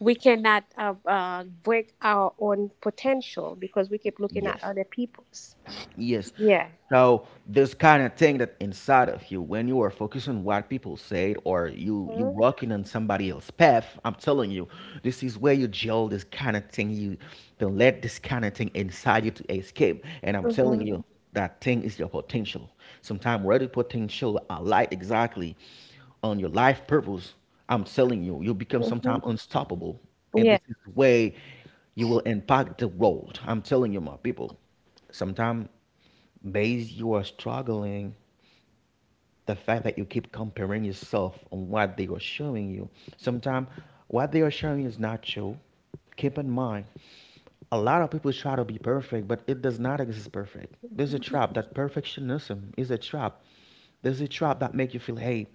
Speaker 2: we cannot break our own potential, because we keep looking at
Speaker 1: Yes.
Speaker 2: other people's.
Speaker 1: Yes.
Speaker 2: Yeah.
Speaker 1: So this kind of thing that inside of you, when you are focused on what people say or you walking on somebody else's path, I'm telling you, this is where you gel this kind of thing. You don't let this kind of thing inside you to escape. And I'm telling
Speaker 2: Mm-hmm.
Speaker 1: you, that thing is your potential. Sometimes where the potential alight exactly on your life purpose, I'm telling you, you become
Speaker 2: Hmm.
Speaker 1: sometimes unstoppable. And this
Speaker 2: Yeah.
Speaker 1: is the way you will impact the world. I'm telling you, my people. Sometimes, base you are struggling, the fact that you keep comparing yourself on what they are showing you. Sometimes, what they are showing is not true. Keep in mind, a lot of people try to be perfect, but it does not exist perfect. There's a trap. That perfectionism is a trap. There's a trap that make you feel, hey,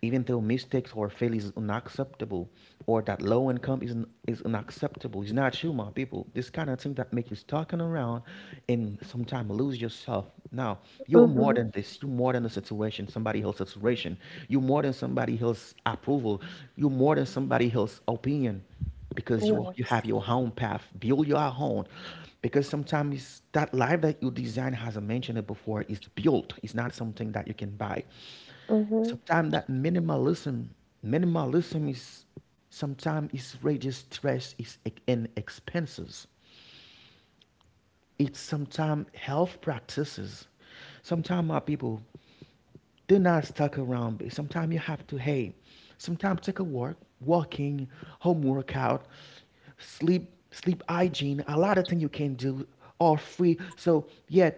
Speaker 1: even though mistakes or failures is unacceptable, or that low income is unacceptable. It's not you, my people. This kind of thing that make you stalking around and sometimes lose yourself. Now you're more
Speaker 2: Mm-hmm.
Speaker 1: than this, you're more than the situation, somebody else's situation. You're more than somebody else's approval, you're more than somebody else's opinion, because you
Speaker 2: Yes.
Speaker 1: have your own path, build your own. Because sometimes that life that you design, as I mentioned it before, is built. It's not something that you can buy.
Speaker 2: Mm-hmm.
Speaker 1: Sometimes that minimalism, minimalism is sometimes is reduce stress, is and expenses. It's sometimes health practices. Sometimes our people, do not stuck around. Sometimes you have to, hey, sometimes take a walk, walking, home workout, sleep, sleep hygiene, a lot of things you can do are free. So yeah,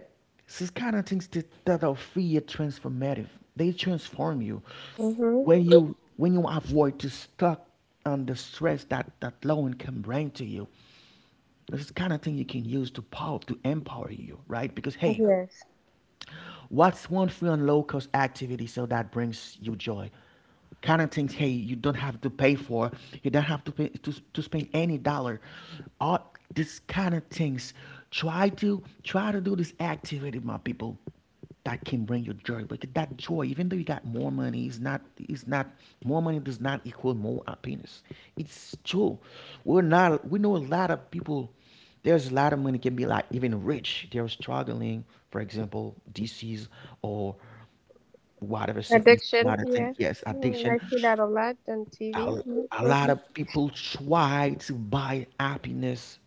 Speaker 1: this is kind of things that, that are free are transformative. They transform you.
Speaker 2: Mm-hmm.
Speaker 1: When you avoid to stuck on the stress that loan can bring to you, this is kind of thing you can use to power to empower you, right? Because hey,
Speaker 2: Yes.
Speaker 1: what's one free and low cost activity so that brings you joy? Kind of things, hey, you don't have to pay for, you don't have to pay to spend any dollar. All these kind of things. Try to do this activity, my people. That can bring you joy, but that joy, even though you got more money, is not more money does not equal more happiness. It's true. We're not, we know a lot of people. There's a lot of money, can be like even rich, they're struggling, for example disease or whatever sickness, a
Speaker 2: Addiction.
Speaker 1: lot of things,
Speaker 2: Yeah.
Speaker 1: yes, addiction.
Speaker 2: I see that a lot on
Speaker 1: A,
Speaker 2: TV.
Speaker 1: a
Speaker 2: Hmm.
Speaker 1: lot of people try to buy happiness.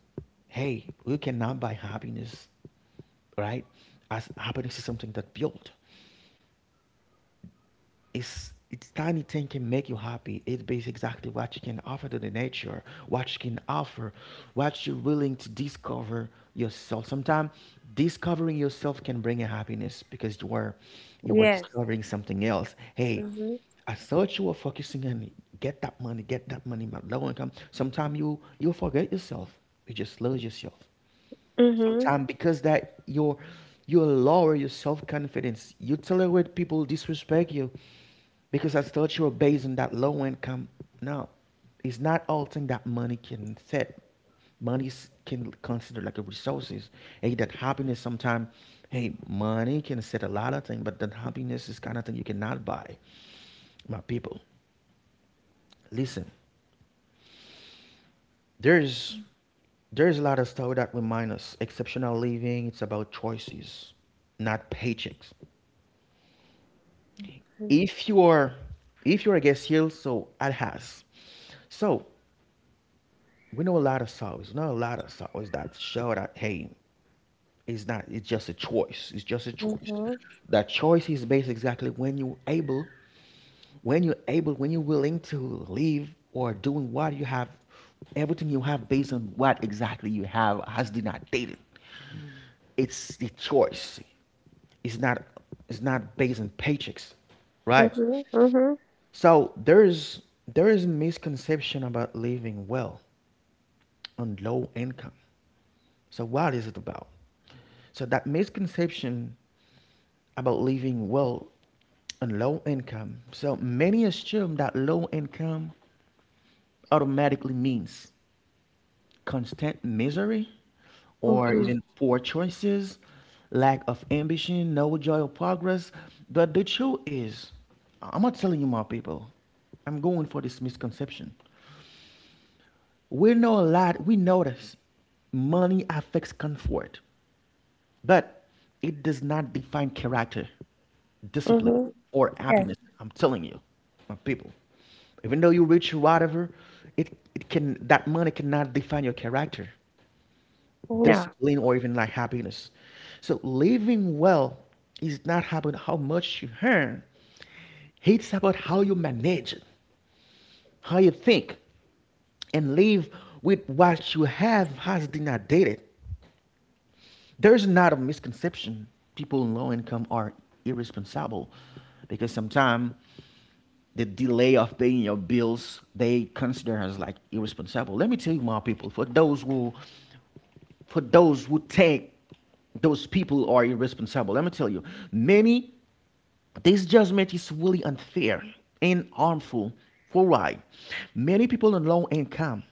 Speaker 1: Hey, we cannot buy happiness, right? As happiness is something that built. It's tiny thing can make you happy. It based exactly what you can offer to the nature, what you can offer, what you're willing to discover yourself. Sometimes discovering yourself can bring a happiness because you are
Speaker 2: Yes.
Speaker 1: discovering something else. Hey,
Speaker 2: Mm-hmm.
Speaker 1: I thought you were focusing on get that money, my low income. Sometimes you forget yourself. You just lose yourself
Speaker 2: Mm-hmm.
Speaker 1: sometimes because that your you lower your self confidence. You tolerate people disrespect you because I thought you were based on that low income. No, it's not all thing that money can set. Can consider like a resources. Hey, that happiness sometimes. Hey, money can set a lot of things, but that happiness is kind of thing you cannot buy. My people, listen. There's there's a lot of stuff that remind us exceptional living. It's about choices, not paychecks. If you are if you're against heel, so it has. So we know a lot of songs, not a lot of songs that show that hey, it's not it's just a choice. It's just a choice.
Speaker 2: Mm-hmm.
Speaker 1: That choice is based exactly when you able, when you're willing to leave or doing what you have everything you have based on what exactly you have has been updated. It's the choice. It's not it's not based on paychecks. Right?
Speaker 2: Mm-hmm. Mm-hmm.
Speaker 1: So there is misconception about living well on low income. So what is it about? So that misconception about living well on low income. So many assume that low income automatically means constant misery or
Speaker 2: Mm-hmm.
Speaker 1: even poor choices, lack of ambition, no joy or progress. But the truth is, I'm not telling you my people. I'm going for this misconception. We know a lot, we know this. Money affects comfort, but it does not define character, discipline,
Speaker 2: Mm-hmm.
Speaker 1: or
Speaker 2: Yes.
Speaker 1: happiness. I'm telling you, my people. Even though you're rich or whatever, it can that money cannot define your character,
Speaker 2: No.
Speaker 1: discipline, or even like happiness. So living well is not about how much you earn. It's about how you manage it, how you think, and live with what you have has not dated. There's not a misconception. People in low income are irresponsible because sometimes the delay of paying your bills they consider as like irresponsible. Let me tell you, my people, for those who think those people are irresponsible. Let me tell you, many. This judgment is really unfair and harmful. For why? Many people on low income,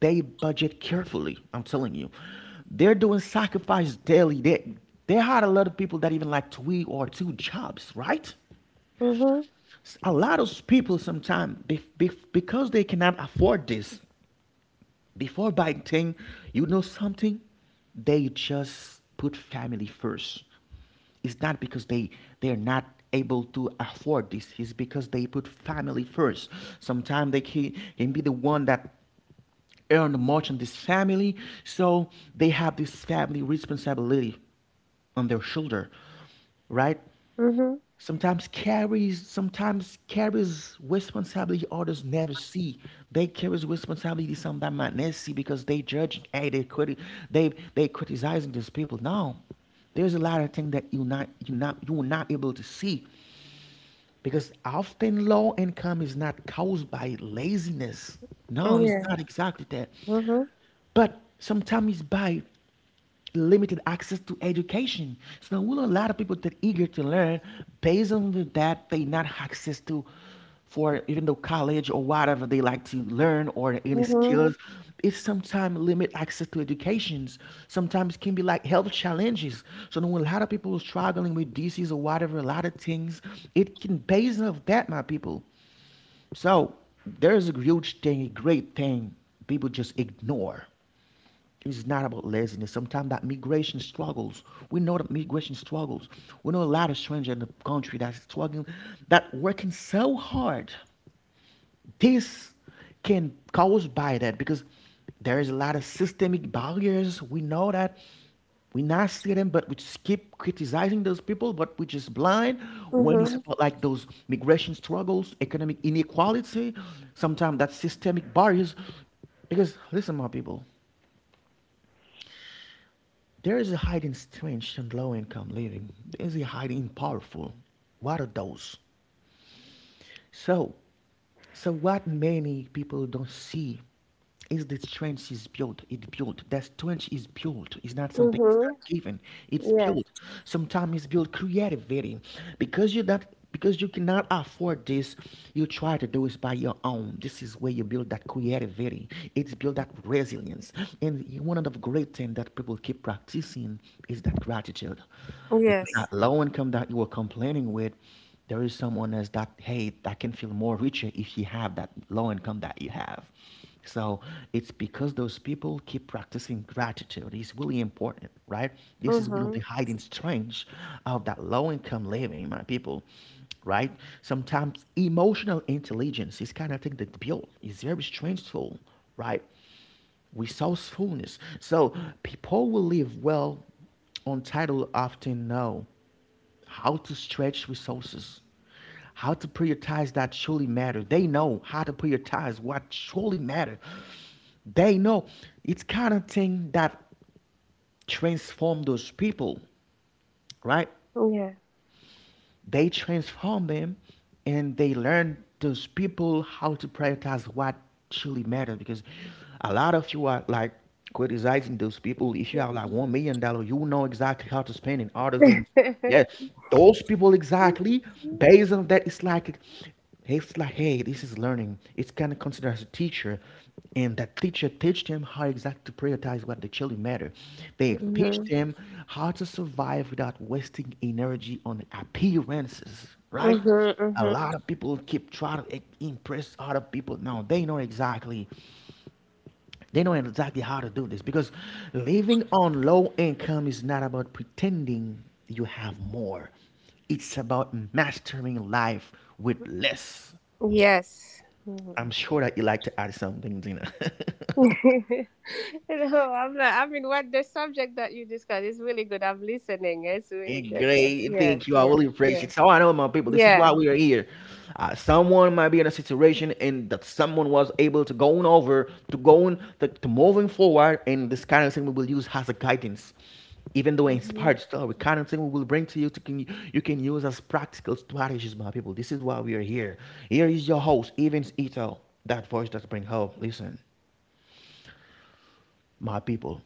Speaker 1: they budget carefully. I'm telling you, they're doing sacrifice daily. They had a lot of people that even like three or two jobs, right?
Speaker 2: Mm-hmm.
Speaker 1: A lot of people sometimes because they cannot afford this, before buying thing, you know something? They just put family first. It's not because they're not able to afford this. It's because they put family first. Sometimes they can be the one that earn much on this family, so they have this family responsibility on their shoulder, right?
Speaker 2: Mm-hmm.
Speaker 1: Sometimes carries responsibility others never see. They carries responsibility sometimes might not see because they judge. Hey, they criticizing these people. No, there's a lot of things that you're not able to see because often low income is not caused by laziness. No, it's
Speaker 2: Yeah.
Speaker 1: not exactly that,
Speaker 2: Mm-hmm. Mm-hmm.
Speaker 1: but sometimes it's by limited access to education. So there will a lot of people that eager to learn based on that they not access to for even though college or whatever they like to learn or any skills, it sometimes limit access to educations. Sometimes can be like health challenges. So when a lot of people struggling with disease or whatever, a lot of things, it can base off that, my people. So there's a huge thing, a great thing people just ignore. It's not about laziness. Sometimes that migration struggles. We know that migration struggles. We know a lot of strangers in the country that's struggling, that working so hard. This can cause by that because there is a lot of systemic barriers. We know that. We not see them, but we just keep criticizing those people, but we just blind when it's
Speaker 2: Mm-hmm.
Speaker 1: about like those migration struggles, economic inequality, sometimes that systemic barriers. Because listen, my people, there is a hiding strength in low income living. There is a hiding powerful. What are those? So so what many people don't see is the strength is built. It's built. That strength is built. It's not something. It's
Speaker 2: Mm-hmm.
Speaker 1: not given. It's
Speaker 2: Yeah.
Speaker 1: built. Sometimes it's built creativity, because you're not because you cannot afford this. You try to do it by your own. This is where you build that creativity. It's build that resilience. And one of the great things that people keep practicing is that gratitude, because
Speaker 2: Yes.
Speaker 1: that low income that you were complaining with, there is someone else that hey that can feel more richer if you have that low income that you have. So it's because those people keep practicing gratitude. It's really important, right? This is one of the
Speaker 2: Mhm.
Speaker 1: hiding strengths of that low income living, my people. Right. Sometimes emotional intelligence is kind of thing that built. It's very strange tool, right? Resourcefulness. So people will live well on title often know how to stretch resources, how to prioritize that truly matter. They know how to prioritize what truly matter. They know it's kind of thing that transform those people, right?
Speaker 2: Yeah.
Speaker 1: They transform them and they learn those people how to prioritize what truly matters because a lot of you are like criticizing those people. If you have like $1 million, you know exactly how to spend it other
Speaker 2: *laughs*
Speaker 1: than
Speaker 2: Mhm.
Speaker 1: yeah those people exactly based on that. Hey, this is learning. It's kind of considered as a teacher, and that teacher teach them how exactly to prioritize what the children matter. They teach
Speaker 2: Mhm.
Speaker 1: them how to survive without wasting energy on appearances, right? A
Speaker 2: Mhm.
Speaker 1: lot of people keep trying to impress other people. No, they know exactly. They know exactly how to do this because living on low income is not about pretending you have more. It's about mastering life with less.
Speaker 2: Yes.
Speaker 1: I'm
Speaker 2: Mhm.
Speaker 1: sure that you like to add something, Dina.
Speaker 2: *laughs* No,
Speaker 1: *laughs*
Speaker 2: I'm not. I mean, what the subject that you discussed is really good. I'm listening. It's really good.
Speaker 1: Great,
Speaker 2: Yes.
Speaker 1: thank you. I
Speaker 2: Yes.
Speaker 1: really appreciate
Speaker 2: Yes.
Speaker 1: it. So I know my people, this is why
Speaker 2: Yeah.
Speaker 1: we are here. Someone might be in a situation and that someone was able to go on over to moving forward, and this kind of thing we will use as a guidance. Even though
Speaker 2: Mhm.
Speaker 1: inspired story, kind of thing we will bring to you to can you can use as practical strategies, my people. This is why we are here. Here is your host, Evans Ito, that voice that bring hope. Listen, my people.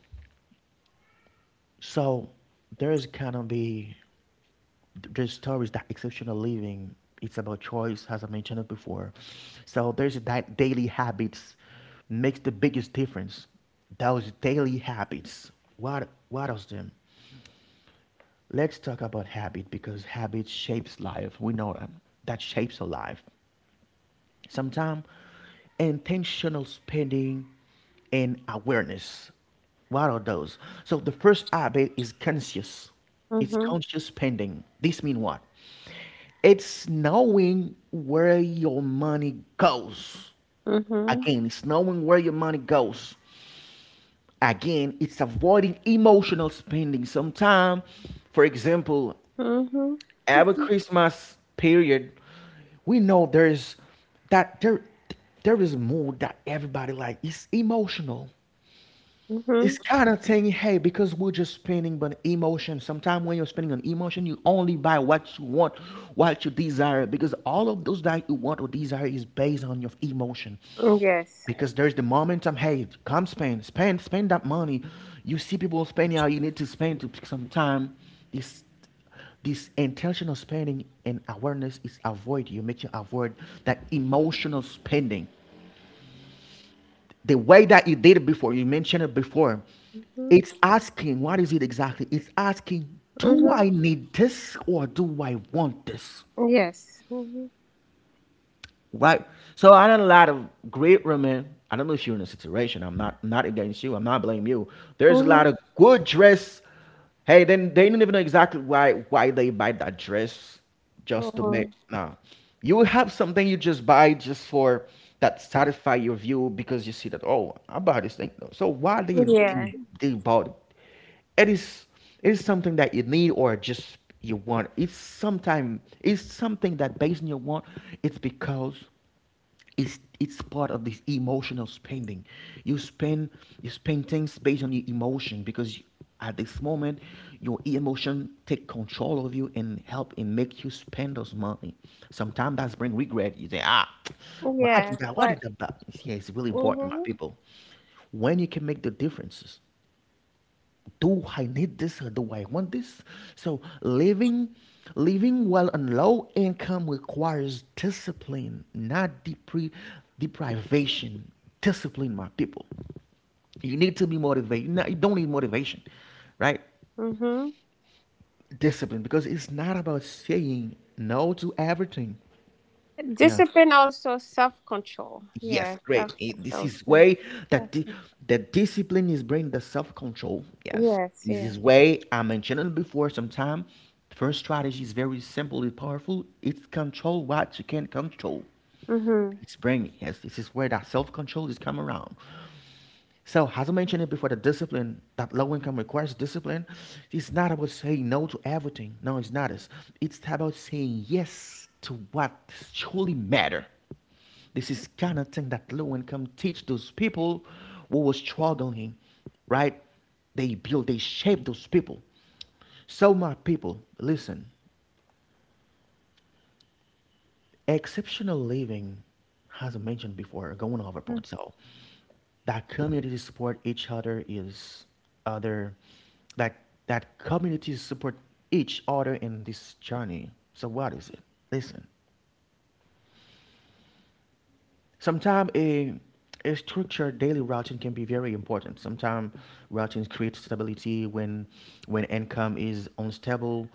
Speaker 1: So there's gonna be. There's stories, that exceptional living, it's about choice, as I mentioned it before. So there's that daily habits makes the biggest difference. Those daily habits. What is them? Let's talk about habit because habit shapes life. We know that. That shapes a life. Sometimes intentional spending and awareness. What are those? So the first habit is conscious. It's
Speaker 2: Mhm.
Speaker 1: conscious spending. This means what? It's knowing where your money goes.
Speaker 2: Mhm.
Speaker 1: Again, it's knowing where your money goes. Again, it's avoiding emotional spending. Sometimes, for example,
Speaker 2: Mhm.
Speaker 1: every Christmas period, we know there's that there is mood that everybody like. It's emotional.
Speaker 2: Mhm.
Speaker 1: It's kind of thing, hey, because we're just spending on emotion. Sometimes when you're spending on emotion, you only buy what you want, what you desire, because all of those that you want or desire is based on your emotion
Speaker 2: Yes.
Speaker 1: because there's the momentum. Hey, come spend, spend, spend that money. You see people spending how you need to spend to pick some time. This, this intentional spending and awareness is avoid. You make you avoid that emotional spending. The way that you did it before, you mentioned it before.
Speaker 2: Mhm.
Speaker 1: It's asking, what is it exactly? It's asking, do
Speaker 2: Mhm.
Speaker 1: I need this or do I want this?
Speaker 2: Yes. Mhm.
Speaker 1: Right. So I done a lot of great women. I don't know if you're in a situation. I'm not not against you. I'm not blaming you. There's a lot
Speaker 2: Mhm.
Speaker 1: of good dress. Hey, then they don't even know exactly why they buy that dress just to make
Speaker 2: Mhm.
Speaker 1: no. You will have something you just buy just for that satisfy your view because you see that oh I buy this thing. So why they they
Speaker 2: Yeah.
Speaker 1: they bought it? It is it is something that you need or just you want. It's sometime it's something that based on your want. It's because it's part of this emotional spending. You spend you spend things based on your emotion because you, at this moment your emotion take control of you and help and make you spend those money. Sometimes that's bring regret. You say, ah, why
Speaker 2: Yeah.
Speaker 1: did I? Why did
Speaker 2: But.
Speaker 1: I? Buy?" Yeah, it's really important, my
Speaker 2: Mhm.
Speaker 1: people, when you can make the differences, do I need this or do I want this? So living well on low income requires discipline, not deprivation. Discipline, my people. You need to be motivated. No, you don't need motivation, right?
Speaker 2: Mhm.
Speaker 1: Discipline, because it's not about saying no to everything. No,
Speaker 2: Discipline, also self control.
Speaker 1: yes,
Speaker 2: Yeah, self
Speaker 1: great. This
Speaker 2: control
Speaker 1: is
Speaker 2: too.
Speaker 1: way that
Speaker 2: Self-con-
Speaker 1: the discipline is bring the self control. Yes,
Speaker 2: Yes,
Speaker 1: this
Speaker 2: yeah.
Speaker 1: is way I mentioned it before. Sometime, first strategy is very simple and powerful. It's control what you can control.
Speaker 2: Mhm.
Speaker 1: It's bringing. Yes, this is where that self control is come around. So as I mentioned it before, the discipline that low income requires discipline. It's not about saying no to everything. No, it's not. It's about saying yes to what truly matter. This is kind of thing that low income teach those people who were struggling, right? They build, they shape those people. So my people, listen, exceptional living, as I mentioned before, going over
Speaker 2: Mm-
Speaker 1: point. So that community support each other is other that community support each other in this journey. So what is it? Listen. Sometimes a structured daily routing can be very important. Sometimes routing creates stability when income is unstable.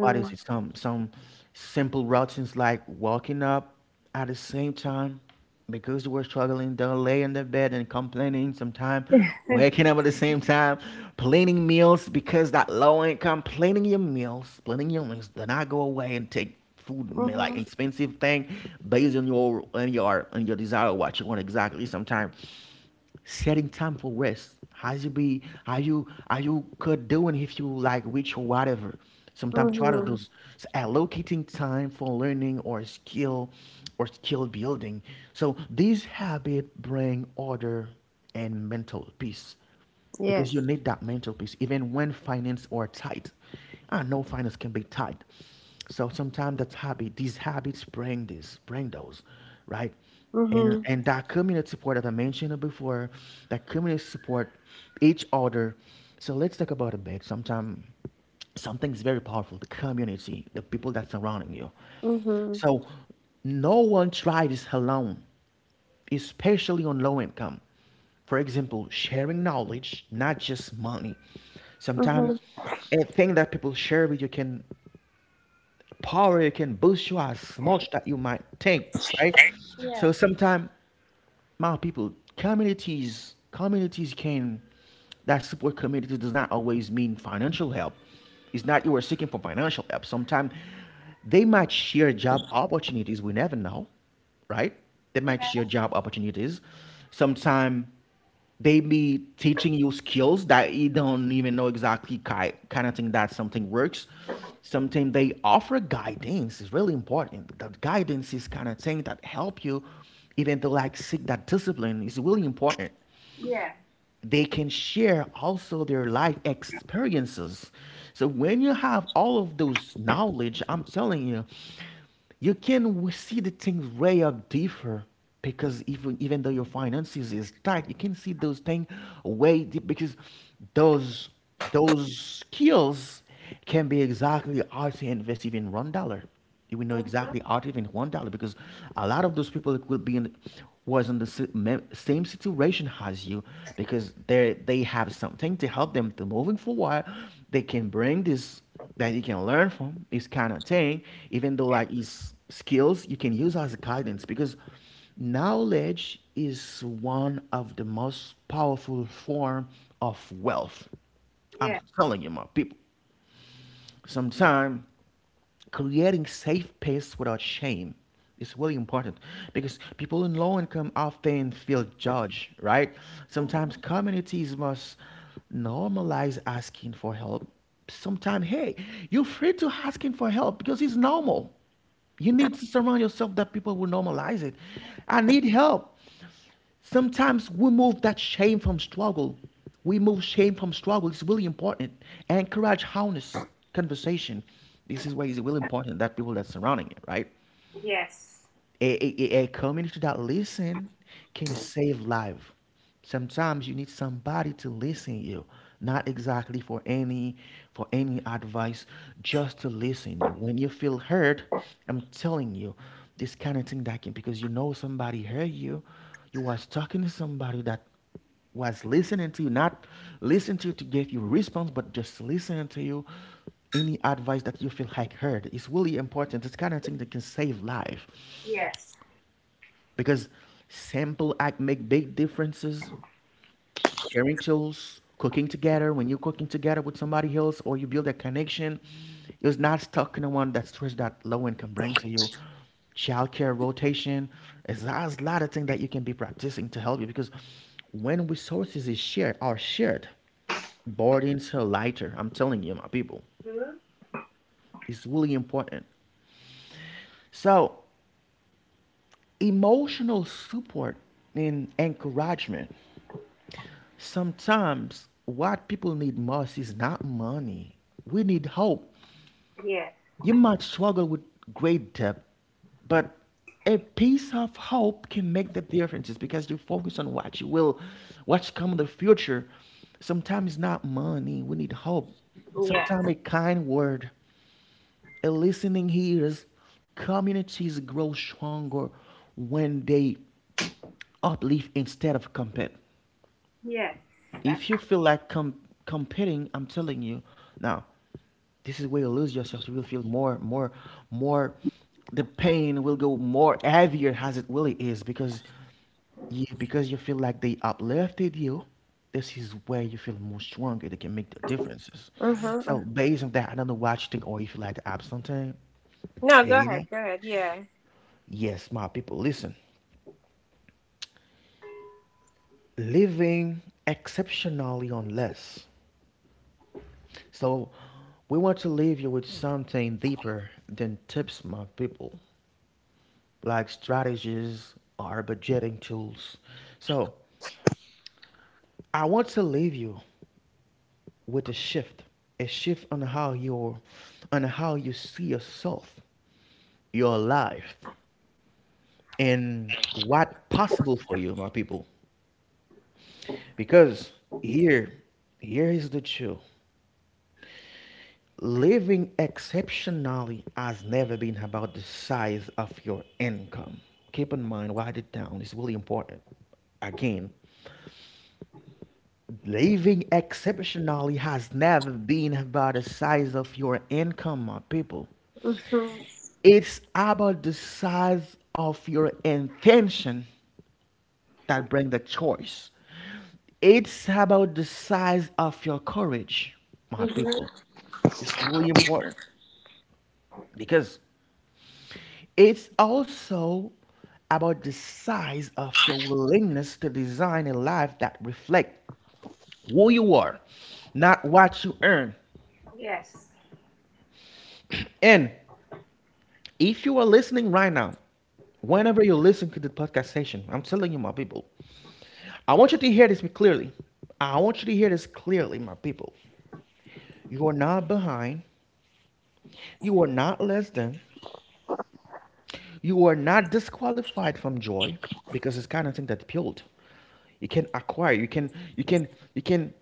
Speaker 1: What is it? Some simple routines like waking up at the same time because they we're struggling, don't lay in the bed and complaining sometimes, waking
Speaker 2: *laughs*
Speaker 1: up at the same time, planning meals because that low income, planning your meals, do not go away and take food man, like
Speaker 2: Mhm.
Speaker 1: expensive thing based on your desire what you want exactly sometimes setting time for rest. How's you be, how you, how you could doing if you like which or whatever, sometimes try to
Speaker 2: Mhm.
Speaker 1: those allocating time for learning or skill building. So these habit bring order and mental peace because you
Speaker 2: Yes.
Speaker 1: need that mental peace even when finance are tight. I know finance can be tight. So sometimes that habit, these habits bring this bring those, right? and
Speaker 2: Mhm.
Speaker 1: and that community support that I mentioned before, that community support each other. So let's talk about a bit. Sometimes something is very powerful, the community, the people that surrounding you.
Speaker 2: Mhm.
Speaker 1: So no one tries this alone, especially on low income. For example, sharing knowledge, not just money. Sometimes
Speaker 2: Mhm.
Speaker 1: a thing that people share with you can power, you can boost you as much that you might think, right? So
Speaker 2: Yeah.
Speaker 1: sometimes my people, communities can, that support, communities does not always mean financial help. It's not you are seeking for financial help. Sometimes they might share job opportunities. We never know, right? They might
Speaker 2: Yeah.
Speaker 1: share job opportunities. Sometimes they be teaching you skills that you don't even know exactly kind of thing that something works. Something they offer guidance is really important. That guidance is kind of thing that help you even to like seek that discipline is really important.
Speaker 2: Yeah.
Speaker 1: They can share also their life experiences. So when you have all of those knowledge, I'm telling you, you can see the things way up differ because even though your finances is tight, you can see those things way deep because those skills can be exactly how to invest even $1. You will know
Speaker 2: Mhm.
Speaker 1: exactly how even $1 because a lot of those people will be in, was in the same situation as you because they have something to help them to moving forward. They can bring this that you can learn from this kind of thing, even though
Speaker 2: Yeah.
Speaker 1: like is skills you can use as a guidance because knowledge is one of the most powerful form of wealth. I'm
Speaker 2: Yeah.
Speaker 1: telling you my people, sometime creating safe space without shame is really important because people in low income often feel judged, right? Sometimes
Speaker 2: Mhm.
Speaker 1: communities must normalize asking for help. Sometimes, hey, you're free to asking for help because it's normal. You need to surround yourself that people will normalize it. I need help. Sometimes we move that shame from struggle. We move shame from struggle. It's really important. Encourage honest conversation. This is why it's really important that people that surrounding it, right?
Speaker 2: Yes.
Speaker 1: A community that listen can save life. Sometimes you need somebody to listen you, not exactly for any advice, just to listen you. When you feel hurt, I'm telling you, this kind of thing that can, because you know somebody heard you, you was talking to somebody that was listening to you, not listen to you to give you response, but just listening to you. Any advice that you feel like heard is really important. This kind of thing that can save life
Speaker 2: Yes.
Speaker 1: because simple act make big differences. Sharing tools, cooking together, when you're cooking together with somebody else or you build a connection, it's not stuck in the one that stress that low income bring to you. Childcare rotation, there's a lot of things that you can be practicing to help you because when resources is shared, are shared, burdens are lighter. I'm telling you, my people,
Speaker 2: Mhm.
Speaker 1: it's really important. So, emotional support and encouragement. Sometimes what people need most is not money. We need hope.
Speaker 2: Yes.
Speaker 1: You might struggle with great debt, but a piece of hope can make the differences because you focus on what you will, what's come in the future. Sometimes it's not money. We need hope. Sometimes
Speaker 2: Yes.
Speaker 1: a kind word, a listening ears, communities grow stronger when they uplift instead of compete.
Speaker 2: Yes.
Speaker 1: If you feel like competing, I'm telling you, now this is where you lose yourself. You will feel more, more, more. The pain will go more heavier as it really is because you feel like they uplifted you. This is where you feel more stronger. They can make the differences.
Speaker 2: Mm-hmm.
Speaker 1: So
Speaker 2: Mm-hmm.
Speaker 1: based on that, I don't know what you think, or if you like to add something.
Speaker 2: No, go ahead.
Speaker 1: Tina.
Speaker 2: Go ahead. Yeah.
Speaker 1: Yes, my people, listen. Living exceptionally on less. So we want to leave you with something deeper than tips, my people, like strategies or budgeting tools. So I want to leave you with a shift on how you, on how you see yourself, your life, and what possible for you, my people. Because here, here is the truth. Living exceptionally has never been about the size of your income. Keep in mind, write it down, it's really important. Again, living exceptionally has never been about the size of your income, my people.
Speaker 2: Mhm.
Speaker 1: It's about the size of your intention that brings the choice. It's about the size of your courage, my people.
Speaker 2: Mhm.
Speaker 1: It's really important because it's also about the size of your willingness to design a life that reflects who you are, not what you earn.
Speaker 2: Yes.
Speaker 1: And if you are listening right now, whenever you listen to the podcast session, I'm telling you, my people, I want you to hear this clearly. I want you to hear this clearly, my people. You are not behind. You are not less than. You are not disqualified from joy because it's kind of thing that built. You can acquire. You can. You can. You can.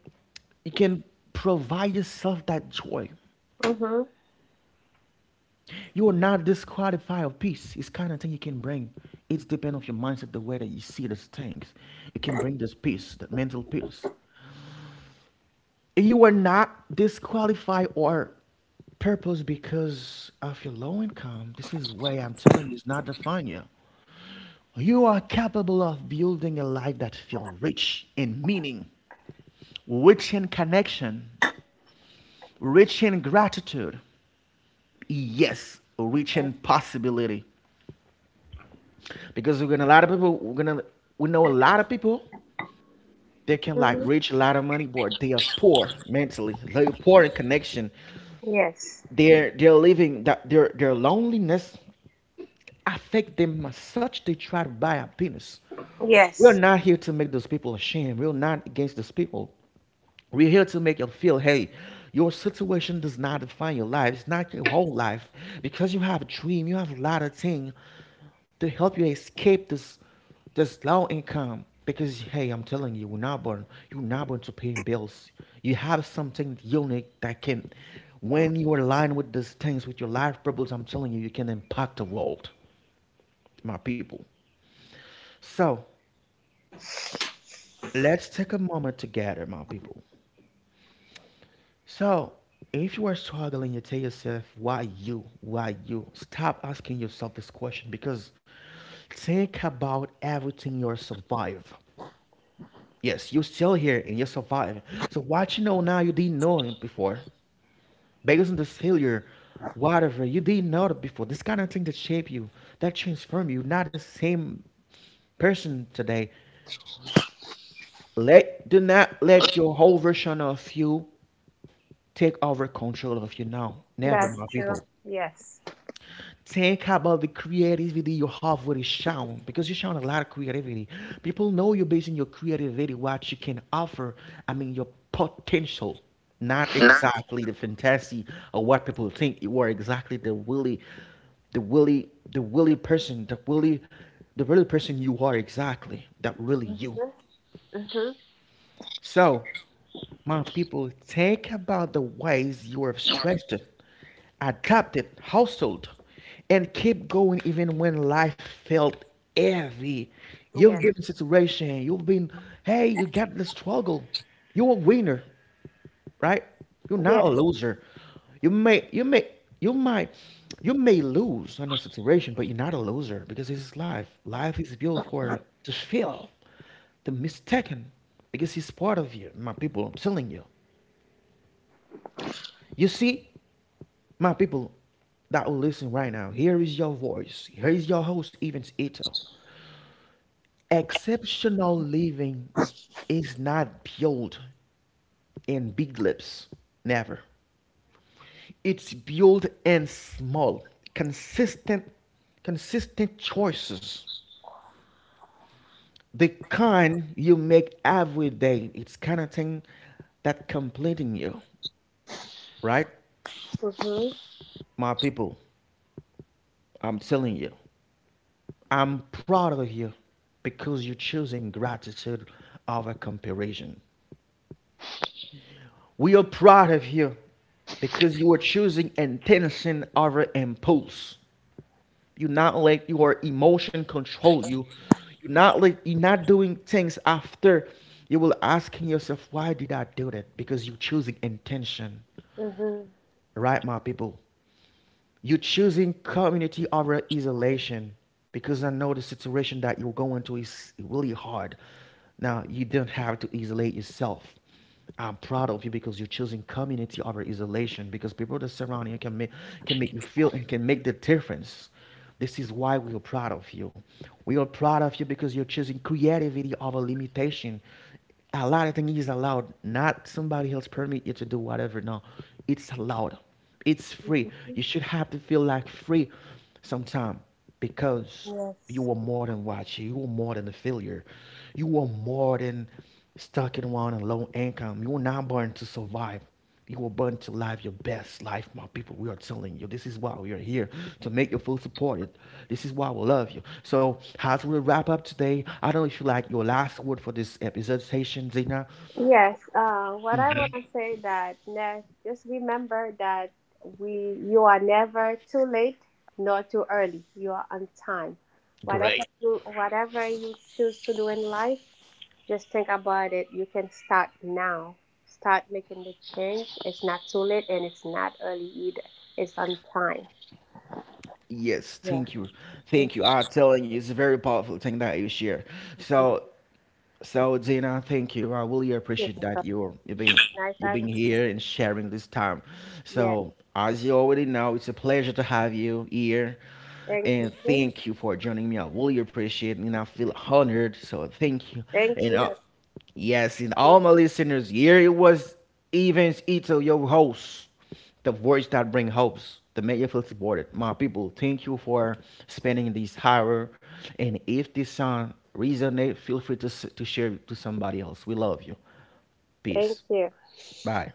Speaker 1: You can provide yourself that joy.
Speaker 2: Mhm.
Speaker 1: You are not disqualified of peace. It's kind of thing you can bring. It's depend of your mindset, the way that you see these things. You can bring this peace, that mental peace. You are not disqualified or purpose because of your low income. This is why I'm telling you, it's not define you. You are capable of building a life that feels rich in meaning, rich in connection, rich in gratitude. Yes, rich in
Speaker 2: Yes.
Speaker 1: possibility. Because we're gonna a lot of people, we're gonna, we know a lot of people, they can like
Speaker 2: Mhm.
Speaker 1: reach a lot of money, but they are poor mentally. They're poor in connection.
Speaker 2: Yes.
Speaker 1: They're living that their loneliness affect them as such they try to buy happiness. We are
Speaker 2: Yes,
Speaker 1: not here to make those people ashamed. We are not against those people. We're here to make you feel, hey, your situation does not define your life. It's not your whole life. Because you have a dream, you have a lot of things to help you escape this low income. Because hey, I'm telling you, we're not born. You're not born to paying bills. You have something unique that can, when you are aligned with these things, with your life purpose, I'm telling you, you can impact the world, my people. So let's take a moment together, my people. So, if you are struggling, you tell yourself, why you? Why you? Stop asking yourself this question because think about everything you survive. Yes, you're still here and you survive. So, what you know now you didn't know it before. Based on this failure, whatever, you didn't know it before. This kind of thing that shape you, that transform you, not the same person today. Let do not let your whole version of you take over control of you now. Never, my
Speaker 2: that's true.
Speaker 1: people.
Speaker 2: Yes.
Speaker 1: Think about the creativity you have with shown because you shown a lot of creativity. People know you based on your creativity, what you can offer. I mean, your potential, not exactly the fantasy of what people think you are. Exactly the willy, the willy, the willy person, the willy, the really person you are. Exactly that really
Speaker 2: Mhm.
Speaker 1: you.
Speaker 2: Mhm.
Speaker 1: So my people, think about the ways you have stretched it, adapted, hustled, and keep going even when life felt heavy. You've
Speaker 2: Yes.
Speaker 1: been in a situation, you've been, hey, you got the struggle. You're a winner, right? You're not a
Speaker 2: Yes.
Speaker 1: loser. You may, you might, you may lose on a situation, but you're not a loser because this is life. Life is built for to fail, to mistaken, because it's part of you, my people. I'm telling you. You see, my people that will listen right now, here is your voice. Here is your host, Evans Ito. Exceptional living is not built in big lips, never. It's built in small, consistent, consistent choices. The kind you make every day. It's kind of thing that completing you, right?
Speaker 2: Mhm.
Speaker 1: My people, I'm telling you. I'm proud of you because you're choosing gratitude over comparison. We are proud of you because you are choosing intention over impulse. You're not let your emotion control you. You're not doing things after you will asking yourself, why did I do that? Because you're choosing intention.
Speaker 2: Mhm.
Speaker 1: Right, my people? You're choosing community over isolation because I know the situation that you're going to is really hard. Now, you don't have to isolate yourself. I'm proud of you because you're choosing community over isolation because people that surround you can make you feel and can make the difference. This is why we are proud of you. We are proud of you because you're choosing creativity over limitation. A lot of things is allowed. Not somebody else permit you to do whatever. No, it's allowed. It's free.
Speaker 2: Mhm.
Speaker 1: You should have to feel like free sometime because
Speaker 2: Yes.
Speaker 1: you are more than what you. You are more than a failure. You are more than stuck in one on low income. You were not born to survive. You were born to live your best life, my people. We are telling you, this is why we are here to make you feel supported. This is why we love you. So, as we wrap up today, I don't know if you like your last word for this episode station, Zina.
Speaker 2: Yes, what I want to *laughs* say, that, just remember that, we you are never too late nor too early. You are on time.
Speaker 1: Great.
Speaker 2: Whatever you choose to do in life, just think about it. You can start now. Start making the change. It's not too late, and it's not early either. It's on time.
Speaker 1: Yes,
Speaker 2: Yeah.
Speaker 1: thank you.
Speaker 2: *laughs*
Speaker 1: Thank you. I'm telling you, it's a very powerful thing that you share.
Speaker 2: Mhm.
Speaker 1: So, So Dina, thank you. I really
Speaker 2: You're
Speaker 1: appreciate
Speaker 2: welcome.
Speaker 1: that you are
Speaker 2: Nice
Speaker 1: you
Speaker 2: having
Speaker 1: being here and sharing this time.
Speaker 2: you. Yes.
Speaker 1: So as you already know, it's a pleasure to have you here,
Speaker 2: Thank
Speaker 1: and
Speaker 2: you.
Speaker 1: thank you for joining me. I really appreciate it, and I feel honored. So thank you,
Speaker 2: Thank
Speaker 1: and
Speaker 2: you.
Speaker 1: yes, and all my
Speaker 2: *laughs*
Speaker 1: listeners here, it was Evans Ito, your host, the voice that brings hopes, the Mayfield supported. My people, thank you for spending this hour. And if this song resonates, feel free to, to share it to somebody else. We love you.
Speaker 2: Thank
Speaker 1: Peace.
Speaker 2: you.
Speaker 1: Bye.